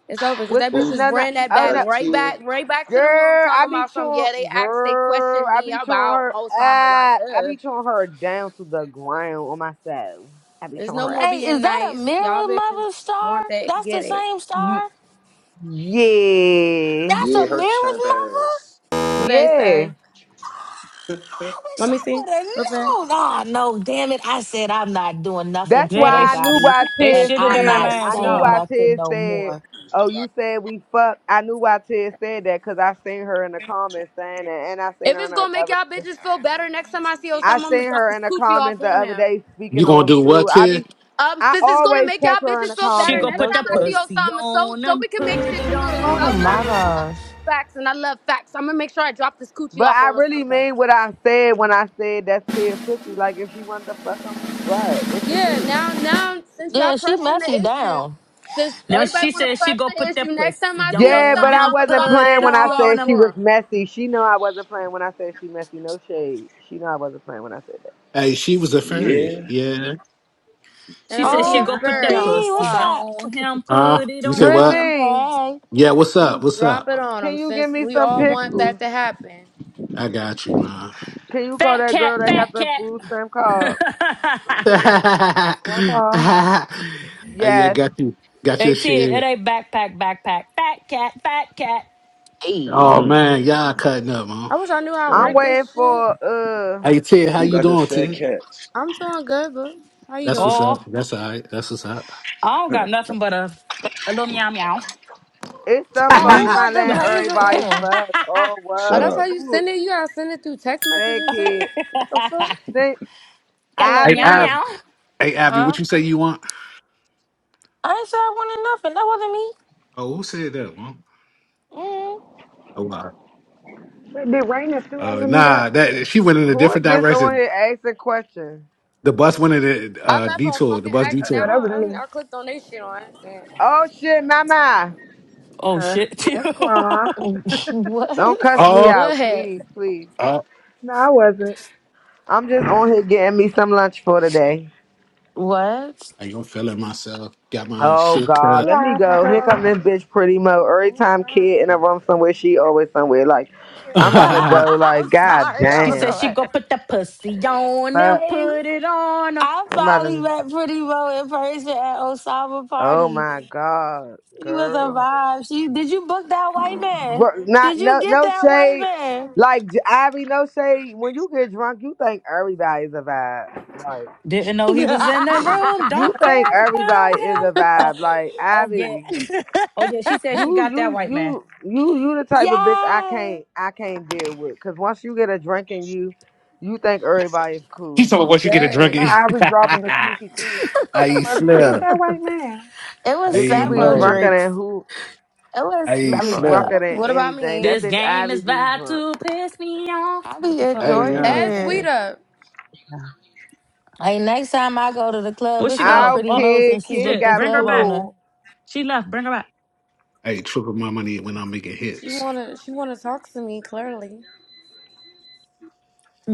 Speaker 3: It's over because
Speaker 7: What's
Speaker 3: that
Speaker 7: the,
Speaker 3: bitch
Speaker 5: Who's
Speaker 3: just
Speaker 7: no no?
Speaker 3: ran that
Speaker 7: Oh
Speaker 3: back
Speaker 7: no,
Speaker 5: that's
Speaker 3: right
Speaker 5: Tia?
Speaker 3: back, right back to the room
Speaker 7: girl, I
Speaker 3: talking
Speaker 7: be
Speaker 3: about some.
Speaker 7: chewing.
Speaker 3: Yeah, they asked, they
Speaker 7: Girl,
Speaker 3: questioned
Speaker 7: I
Speaker 3: me
Speaker 7: be chewing
Speaker 3: about
Speaker 7: her
Speaker 3: Osama. Like,
Speaker 7: up. I
Speaker 3: uh,
Speaker 7: be chewing her down to the ground on myself. I be
Speaker 3: there's
Speaker 7: chewing
Speaker 3: no
Speaker 7: her
Speaker 3: more
Speaker 7: up.
Speaker 4: Hey, is
Speaker 3: being
Speaker 4: that a
Speaker 3: nice. Y'all
Speaker 4: mirror
Speaker 3: bitches
Speaker 4: mother star?
Speaker 3: want that,
Speaker 4: That's the
Speaker 3: get it.
Speaker 4: same
Speaker 7: Ye-
Speaker 4: star?
Speaker 7: Yeah.
Speaker 4: That's
Speaker 5: Yeah,
Speaker 4: a mirror's
Speaker 5: her champ
Speaker 4: mother?
Speaker 5: ass.
Speaker 3: What they
Speaker 7: Yeah.
Speaker 3: say?
Speaker 4: I wish
Speaker 3: Let me
Speaker 4: I
Speaker 3: see.
Speaker 4: would have
Speaker 3: What
Speaker 4: known. Oh, no, damn it. I said I'm not doing nothing
Speaker 7: That's
Speaker 4: to
Speaker 1: Yeah, they
Speaker 7: why I
Speaker 1: sh-
Speaker 7: knew
Speaker 4: nobody
Speaker 7: why
Speaker 1: they
Speaker 4: and
Speaker 7: Ted
Speaker 1: shitted
Speaker 4: I'm
Speaker 1: in my
Speaker 7: said,
Speaker 4: not
Speaker 7: I
Speaker 1: mask,
Speaker 7: knew
Speaker 4: saying
Speaker 1: y'all.
Speaker 7: why
Speaker 4: nothing
Speaker 7: Ted
Speaker 4: no
Speaker 7: said,
Speaker 4: more.
Speaker 7: oh, you said we fuck. I knew why Ted said that because I seen her in the comments saying that. And I seen
Speaker 3: If
Speaker 7: her in
Speaker 3: it's
Speaker 7: the
Speaker 3: gonna make
Speaker 7: other,
Speaker 3: y'all bitches feel better next time I see Osama,
Speaker 7: I
Speaker 3: I'm gonna
Speaker 7: seen
Speaker 3: drop
Speaker 7: her
Speaker 3: this
Speaker 7: in the
Speaker 3: coochie off
Speaker 7: comments the
Speaker 3: on
Speaker 7: other
Speaker 3: him.
Speaker 7: day
Speaker 8: You
Speaker 7: speaking
Speaker 8: gonna
Speaker 7: on
Speaker 8: do what,
Speaker 7: Sue. I
Speaker 8: Ted?
Speaker 7: be,
Speaker 3: Um,
Speaker 7: I
Speaker 3: since it's gonna
Speaker 7: always
Speaker 3: make
Speaker 7: catch
Speaker 3: y'all
Speaker 7: her in
Speaker 3: bitches
Speaker 7: the
Speaker 3: feel
Speaker 1: She
Speaker 3: better
Speaker 1: go
Speaker 7: comments,
Speaker 3: next
Speaker 1: put
Speaker 7: no
Speaker 3: time
Speaker 1: that
Speaker 3: I see
Speaker 7: shade.
Speaker 1: pussy
Speaker 3: Osama, so
Speaker 1: on
Speaker 3: so
Speaker 1: them,
Speaker 3: we can make
Speaker 1: put
Speaker 3: shit
Speaker 1: it
Speaker 3: true. Cause
Speaker 1: on
Speaker 4: Oh,
Speaker 3: I
Speaker 1: them.
Speaker 3: love
Speaker 4: my
Speaker 3: I love true
Speaker 4: gosh.
Speaker 3: facts and I love facts. I'm gonna make sure I drop this coochie
Speaker 7: But
Speaker 3: off
Speaker 7: I
Speaker 3: on
Speaker 7: really
Speaker 3: Osama.
Speaker 7: mean what I said when I said that's Ted pussy. Like if she wanted to fuck him, what? What's the
Speaker 3: Yeah,
Speaker 7: tea?
Speaker 3: now now since y'all
Speaker 4: Yeah, she
Speaker 3: pressing the
Speaker 4: messy
Speaker 3: issue,
Speaker 4: down.
Speaker 3: since
Speaker 1: Now she
Speaker 3: everybody wanna
Speaker 1: said she
Speaker 3: press
Speaker 1: go
Speaker 3: the
Speaker 1: put that
Speaker 3: issue, next time
Speaker 1: pussy
Speaker 3: I see
Speaker 7: Yeah,
Speaker 1: on
Speaker 7: but
Speaker 3: Osama,
Speaker 7: I
Speaker 1: them,
Speaker 3: I'm gonna
Speaker 7: wasn't
Speaker 3: drop
Speaker 1: put
Speaker 3: this
Speaker 1: it
Speaker 7: playing when I
Speaker 3: coochie off
Speaker 1: on
Speaker 7: said she
Speaker 1: them.
Speaker 3: for
Speaker 7: was
Speaker 3: him.
Speaker 7: messy. She know I wasn't playing when I said she messy. No shade. She know I wasn't playing when I said that.
Speaker 8: Hey, she was a fairy.
Speaker 5: Yeah?
Speaker 8: Yeah.
Speaker 3: And
Speaker 1: She
Speaker 3: I'm gonna
Speaker 5: Yeah.
Speaker 1: said
Speaker 3: be
Speaker 1: she
Speaker 3: a
Speaker 4: Oh,
Speaker 1: go
Speaker 9: Girl,
Speaker 1: put
Speaker 9: hey
Speaker 4: D,
Speaker 1: that
Speaker 3: furry.
Speaker 9: y'all.
Speaker 1: pussy
Speaker 4: what's
Speaker 3: Watch.
Speaker 4: up?
Speaker 1: on him,
Speaker 8: Uh,
Speaker 1: put it
Speaker 8: you said
Speaker 1: on
Speaker 8: what?
Speaker 1: him.
Speaker 7: Drizzy,
Speaker 4: Hey.
Speaker 8: Yeah, what's
Speaker 3: Let me
Speaker 8: up? What's
Speaker 3: drop
Speaker 8: up?
Speaker 3: it on
Speaker 7: can
Speaker 3: him
Speaker 7: you give
Speaker 3: since
Speaker 7: me
Speaker 3: we
Speaker 7: some
Speaker 3: all want that
Speaker 7: pickles?
Speaker 3: to happen.
Speaker 8: I got you, man.
Speaker 7: Can you call
Speaker 1: Fat
Speaker 7: that
Speaker 1: cat,
Speaker 7: girl that got
Speaker 1: fat
Speaker 7: the
Speaker 1: cat.
Speaker 7: food stamp card?
Speaker 9: Guac
Speaker 8: hey,
Speaker 9: guac.
Speaker 8: I
Speaker 7: Yes.
Speaker 8: got you. Got your
Speaker 1: AT, it
Speaker 8: shit.
Speaker 1: ain't backpack, backpack. Fat cat, fat cat.
Speaker 8: Oh
Speaker 4: Hey.
Speaker 5: Mm,
Speaker 8: man, y'all cutting up, man.
Speaker 3: I wish I knew how to
Speaker 7: I'm
Speaker 3: work
Speaker 5: damn.
Speaker 3: this
Speaker 7: waiting
Speaker 3: shit.
Speaker 7: for uh
Speaker 8: Hey Ted, how
Speaker 5: Who
Speaker 8: you
Speaker 5: got the
Speaker 8: doing,
Speaker 5: fat
Speaker 8: Ted?
Speaker 5: cats?
Speaker 3: I'm doing good, bro. How you
Speaker 8: That's what's
Speaker 3: doing?
Speaker 8: up.
Speaker 1: Oh,
Speaker 8: That's all right. That's what's up.
Speaker 1: I don't got nothing but a, a little meow meow.
Speaker 7: it's some
Speaker 5: Hey
Speaker 4: Oh,
Speaker 7: folks
Speaker 4: who
Speaker 5: Neek,
Speaker 4: got
Speaker 7: not
Speaker 8: hey
Speaker 4: the
Speaker 7: letting
Speaker 4: blazer
Speaker 7: everybody
Speaker 4: on?
Speaker 7: fuck or
Speaker 3: Oh,
Speaker 5: shut
Speaker 7: what.
Speaker 3: that's how
Speaker 5: up.
Speaker 3: you
Speaker 7: Who
Speaker 3: send it? You gotta send it through text message
Speaker 7: said
Speaker 3: and shit?
Speaker 7: kid?
Speaker 3: What the fuck?
Speaker 1: Got
Speaker 7: Think
Speaker 1: a little meow
Speaker 7: Ivy.
Speaker 8: Abby.
Speaker 1: meow.
Speaker 8: Hey Abby,
Speaker 4: Huh?
Speaker 8: what you say you want?
Speaker 4: I ain't said I wanted nothing. That wasn't me.
Speaker 8: Oh, who said that, man?
Speaker 4: Mm-hmm.
Speaker 8: Oh wow.
Speaker 9: Wait, did Rain and Sue
Speaker 8: Uh
Speaker 9: ever meet up?
Speaker 8: nah, that she went in a
Speaker 7: Who
Speaker 8: different
Speaker 7: is this on
Speaker 8: direction.
Speaker 7: here asking questions?
Speaker 8: The bus went in a
Speaker 3: I
Speaker 8: uh,
Speaker 3: left on
Speaker 8: detour, the
Speaker 3: fucking
Speaker 8: bus
Speaker 9: Oh
Speaker 3: accident.
Speaker 9: no,
Speaker 3: I,
Speaker 8: detour.
Speaker 9: that was me.
Speaker 3: I, I clicked on their shit on accident.
Speaker 7: Oh shit, mama.
Speaker 1: oh
Speaker 9: Her.
Speaker 1: shit.
Speaker 9: Yes, guac.
Speaker 7: Don't
Speaker 4: what?
Speaker 7: cuss me
Speaker 8: Oh,
Speaker 7: out,
Speaker 3: What?
Speaker 7: please, please.
Speaker 8: oh.
Speaker 9: no, I wasn't.
Speaker 7: I'm just on here getting me some lunch for today.
Speaker 4: What?
Speaker 8: I ain't gonna feeling myself. Got my
Speaker 7: Oh
Speaker 8: shit
Speaker 7: God,
Speaker 8: cut.
Speaker 7: let me
Speaker 9: Hola,
Speaker 7: go. Here come
Speaker 9: Paco.
Speaker 7: this bitch pretty mo. Every
Speaker 9: What's
Speaker 7: time
Speaker 9: up?
Speaker 7: kid in a room somewhere, she always somewhere. Like,
Speaker 9: I'm in
Speaker 7: I'm about
Speaker 9: here.
Speaker 7: to go.
Speaker 4: I'm
Speaker 7: Like, God
Speaker 4: sorry.
Speaker 1: She
Speaker 4: Hold
Speaker 1: said
Speaker 7: damn.
Speaker 1: she
Speaker 4: on.
Speaker 1: go put the pussy on him,
Speaker 7: Fuck.
Speaker 4: Hey,
Speaker 1: put it on him.
Speaker 4: I
Speaker 7: I'm about
Speaker 4: finally
Speaker 7: to.
Speaker 4: met Pretty Mo in person at Osama
Speaker 7: Oh
Speaker 4: party.
Speaker 7: my God,
Speaker 4: She was a
Speaker 7: girl.
Speaker 4: vibe. She did you book that white man?
Speaker 7: But not
Speaker 4: Did you
Speaker 7: no
Speaker 4: get
Speaker 7: no
Speaker 4: that white
Speaker 7: shade.
Speaker 4: man?
Speaker 7: Like J- Ivy, no shade. When you get drunk, you think everybody's a vibe. Like
Speaker 1: Didn't know he was in the room.
Speaker 7: you
Speaker 1: Don't
Speaker 7: think
Speaker 1: care about
Speaker 7: everybody is a
Speaker 1: him. Oh,
Speaker 7: vibe. Like
Speaker 1: oh yeah,
Speaker 7: Ivy.
Speaker 1: oh yeah. She said she
Speaker 7: You
Speaker 1: got
Speaker 7: you
Speaker 1: that white man.
Speaker 7: you you you the type of bitch I
Speaker 4: yeah.
Speaker 7: can't I can't deal with. Cause once you get a drink in you, you think everybody's
Speaker 8: He's
Speaker 7: cool.
Speaker 8: talking about once you get a
Speaker 9: Nah,
Speaker 3: Good.
Speaker 8: drunkie.
Speaker 9: I was dropping the sneaky tea.
Speaker 8: I eat
Speaker 9: Talking about, did you get
Speaker 8: slim.
Speaker 9: that white man?
Speaker 4: It
Speaker 8: I
Speaker 4: was
Speaker 7: Bitch, you
Speaker 8: eat
Speaker 7: be
Speaker 4: several
Speaker 8: mo.
Speaker 7: drunker
Speaker 4: drinks.
Speaker 7: than who
Speaker 4: It was
Speaker 8: I
Speaker 7: you
Speaker 8: eat
Speaker 7: be
Speaker 8: slim.
Speaker 7: drunker
Speaker 4: several.
Speaker 7: than
Speaker 3: What about
Speaker 7: anything.
Speaker 3: me?
Speaker 7: That
Speaker 1: This
Speaker 7: bitch
Speaker 1: game
Speaker 7: Ivy
Speaker 1: is
Speaker 7: be
Speaker 1: about
Speaker 7: drunk.
Speaker 1: to piss me off.
Speaker 4: I
Speaker 1: What
Speaker 4: be
Speaker 1: the fuck?
Speaker 8: I
Speaker 1: What
Speaker 8: ain't
Speaker 1: a
Speaker 4: enjoying
Speaker 1: Donna?
Speaker 8: young.
Speaker 3: Add sweet
Speaker 1: Donna?
Speaker 4: it.
Speaker 3: up.
Speaker 1: Yeah.
Speaker 4: Like next time I go to the club,
Speaker 1: Where she
Speaker 4: it's on
Speaker 1: go?
Speaker 7: Our
Speaker 4: Pretty
Speaker 1: Oh
Speaker 4: Mo's and
Speaker 7: kid,
Speaker 4: she
Speaker 7: kid
Speaker 4: booked
Speaker 1: shit!
Speaker 4: the
Speaker 1: Bring
Speaker 7: got
Speaker 1: her
Speaker 4: club
Speaker 1: back.
Speaker 4: owner.
Speaker 7: pulled.
Speaker 1: She left. Bring her back.
Speaker 8: I ain't triple my money when I'm making
Speaker 3: She
Speaker 8: hits.
Speaker 3: wanna she wanna talk to me clearly.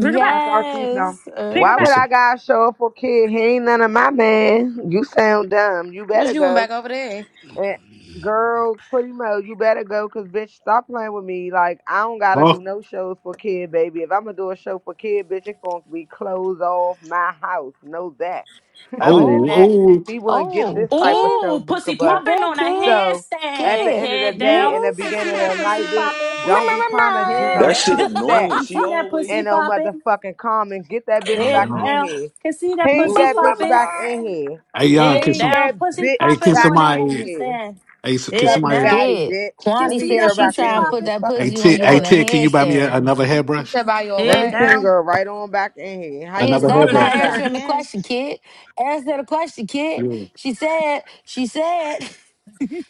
Speaker 1: Bring her
Speaker 9: Nah,
Speaker 1: back.
Speaker 9: y'all cute though.
Speaker 1: Bring
Speaker 4: Uh,
Speaker 1: her
Speaker 7: Why
Speaker 8: You
Speaker 1: back.
Speaker 7: would
Speaker 8: said,
Speaker 7: I gotta show up for kid? He ain't none of my man. You sound dumb. You
Speaker 3: Wish
Speaker 7: better
Speaker 3: you went
Speaker 7: go.
Speaker 3: back over there.
Speaker 7: And girl, pretty much, you better go, cause bitch, stop playing with me. Like I don't gotta
Speaker 8: oh,
Speaker 7: do no shows for kid, baby. If I'm gonna do a show for kid, bitch, it's gonna be closed off my house. Know that. Other than
Speaker 4: oh,
Speaker 7: that,
Speaker 8: oh,
Speaker 7: he wouldn't get
Speaker 4: oh,
Speaker 7: this type of
Speaker 4: kid,
Speaker 7: show,
Speaker 1: Ooh,
Speaker 7: Buka.
Speaker 1: pussy
Speaker 4: get
Speaker 7: But
Speaker 1: popping
Speaker 4: that
Speaker 1: on a
Speaker 4: kid,
Speaker 7: so at
Speaker 1: handstand.
Speaker 7: the
Speaker 4: kid.
Speaker 7: end of the
Speaker 1: Head
Speaker 4: You hear
Speaker 7: day,
Speaker 1: down.
Speaker 7: in the
Speaker 4: this?
Speaker 1: Can
Speaker 7: beginning
Speaker 1: see that
Speaker 7: of the night,
Speaker 1: pussy
Speaker 7: bitch,
Speaker 1: popping.
Speaker 4: Meow,
Speaker 7: don't
Speaker 8: oh.
Speaker 7: be
Speaker 4: meow,
Speaker 7: trying to do
Speaker 1: Head
Speaker 4: meow,
Speaker 5: That
Speaker 7: no
Speaker 5: shit
Speaker 4: meow.
Speaker 1: down.
Speaker 7: that
Speaker 5: annoying.
Speaker 1: Can
Speaker 5: She
Speaker 1: see that
Speaker 5: always
Speaker 1: pussy
Speaker 7: and no
Speaker 5: do I'm
Speaker 1: popping.
Speaker 7: motherfucking comment. Get that
Speaker 8: I
Speaker 7: bitch
Speaker 5: so
Speaker 8: don't
Speaker 1: Head
Speaker 7: back
Speaker 8: know.
Speaker 7: in
Speaker 5: mad.
Speaker 1: down.
Speaker 7: here.
Speaker 1: Can see that
Speaker 4: Meow,
Speaker 7: Ping
Speaker 4: meow,
Speaker 1: pussy
Speaker 7: that
Speaker 4: meow,
Speaker 7: bitch
Speaker 1: popping.
Speaker 7: back in
Speaker 4: meow.
Speaker 7: here.
Speaker 8: Hey, young,
Speaker 1: Head
Speaker 8: can
Speaker 7: Ping
Speaker 8: some?
Speaker 1: down.
Speaker 7: that
Speaker 1: Pussy
Speaker 8: Hey,
Speaker 7: bitch
Speaker 8: can
Speaker 1: popping
Speaker 7: back
Speaker 1: on a
Speaker 7: in
Speaker 8: somebody?
Speaker 7: here.
Speaker 1: handstand.
Speaker 8: Hey, s- can
Speaker 1: Head
Speaker 7: Stubby
Speaker 8: somebody?
Speaker 1: down.
Speaker 7: baddie,
Speaker 4: Kid,
Speaker 7: bitch.
Speaker 1: Can
Speaker 7: Let
Speaker 4: Kwani
Speaker 7: me
Speaker 1: see
Speaker 7: get
Speaker 4: said
Speaker 7: her
Speaker 1: that
Speaker 4: she
Speaker 7: back
Speaker 1: pussy
Speaker 4: try
Speaker 7: in
Speaker 4: and
Speaker 7: here.
Speaker 4: put
Speaker 1: popping.
Speaker 7: The
Speaker 4: that
Speaker 7: Fuck is
Speaker 8: Hey,
Speaker 4: pussy
Speaker 7: my
Speaker 4: on
Speaker 8: Tig,
Speaker 4: you
Speaker 8: hey,
Speaker 4: on a
Speaker 7: word.
Speaker 8: Tig, can you buy me a,
Speaker 4: headstand.
Speaker 8: another
Speaker 3: You
Speaker 8: hairbrush?
Speaker 3: said by your
Speaker 7: Let
Speaker 1: Head
Speaker 7: me
Speaker 3: what?
Speaker 7: ping
Speaker 1: down.
Speaker 7: her right on back in here. How you
Speaker 4: Kid,
Speaker 8: Another
Speaker 7: get this
Speaker 4: stop
Speaker 8: hairbrush.
Speaker 3: I
Speaker 4: not
Speaker 7: bitch
Speaker 3: sure
Speaker 7: back?
Speaker 4: answering the
Speaker 3: can.
Speaker 4: question, kid. Answer the question, kid.
Speaker 8: Yeah.
Speaker 4: She said, she said,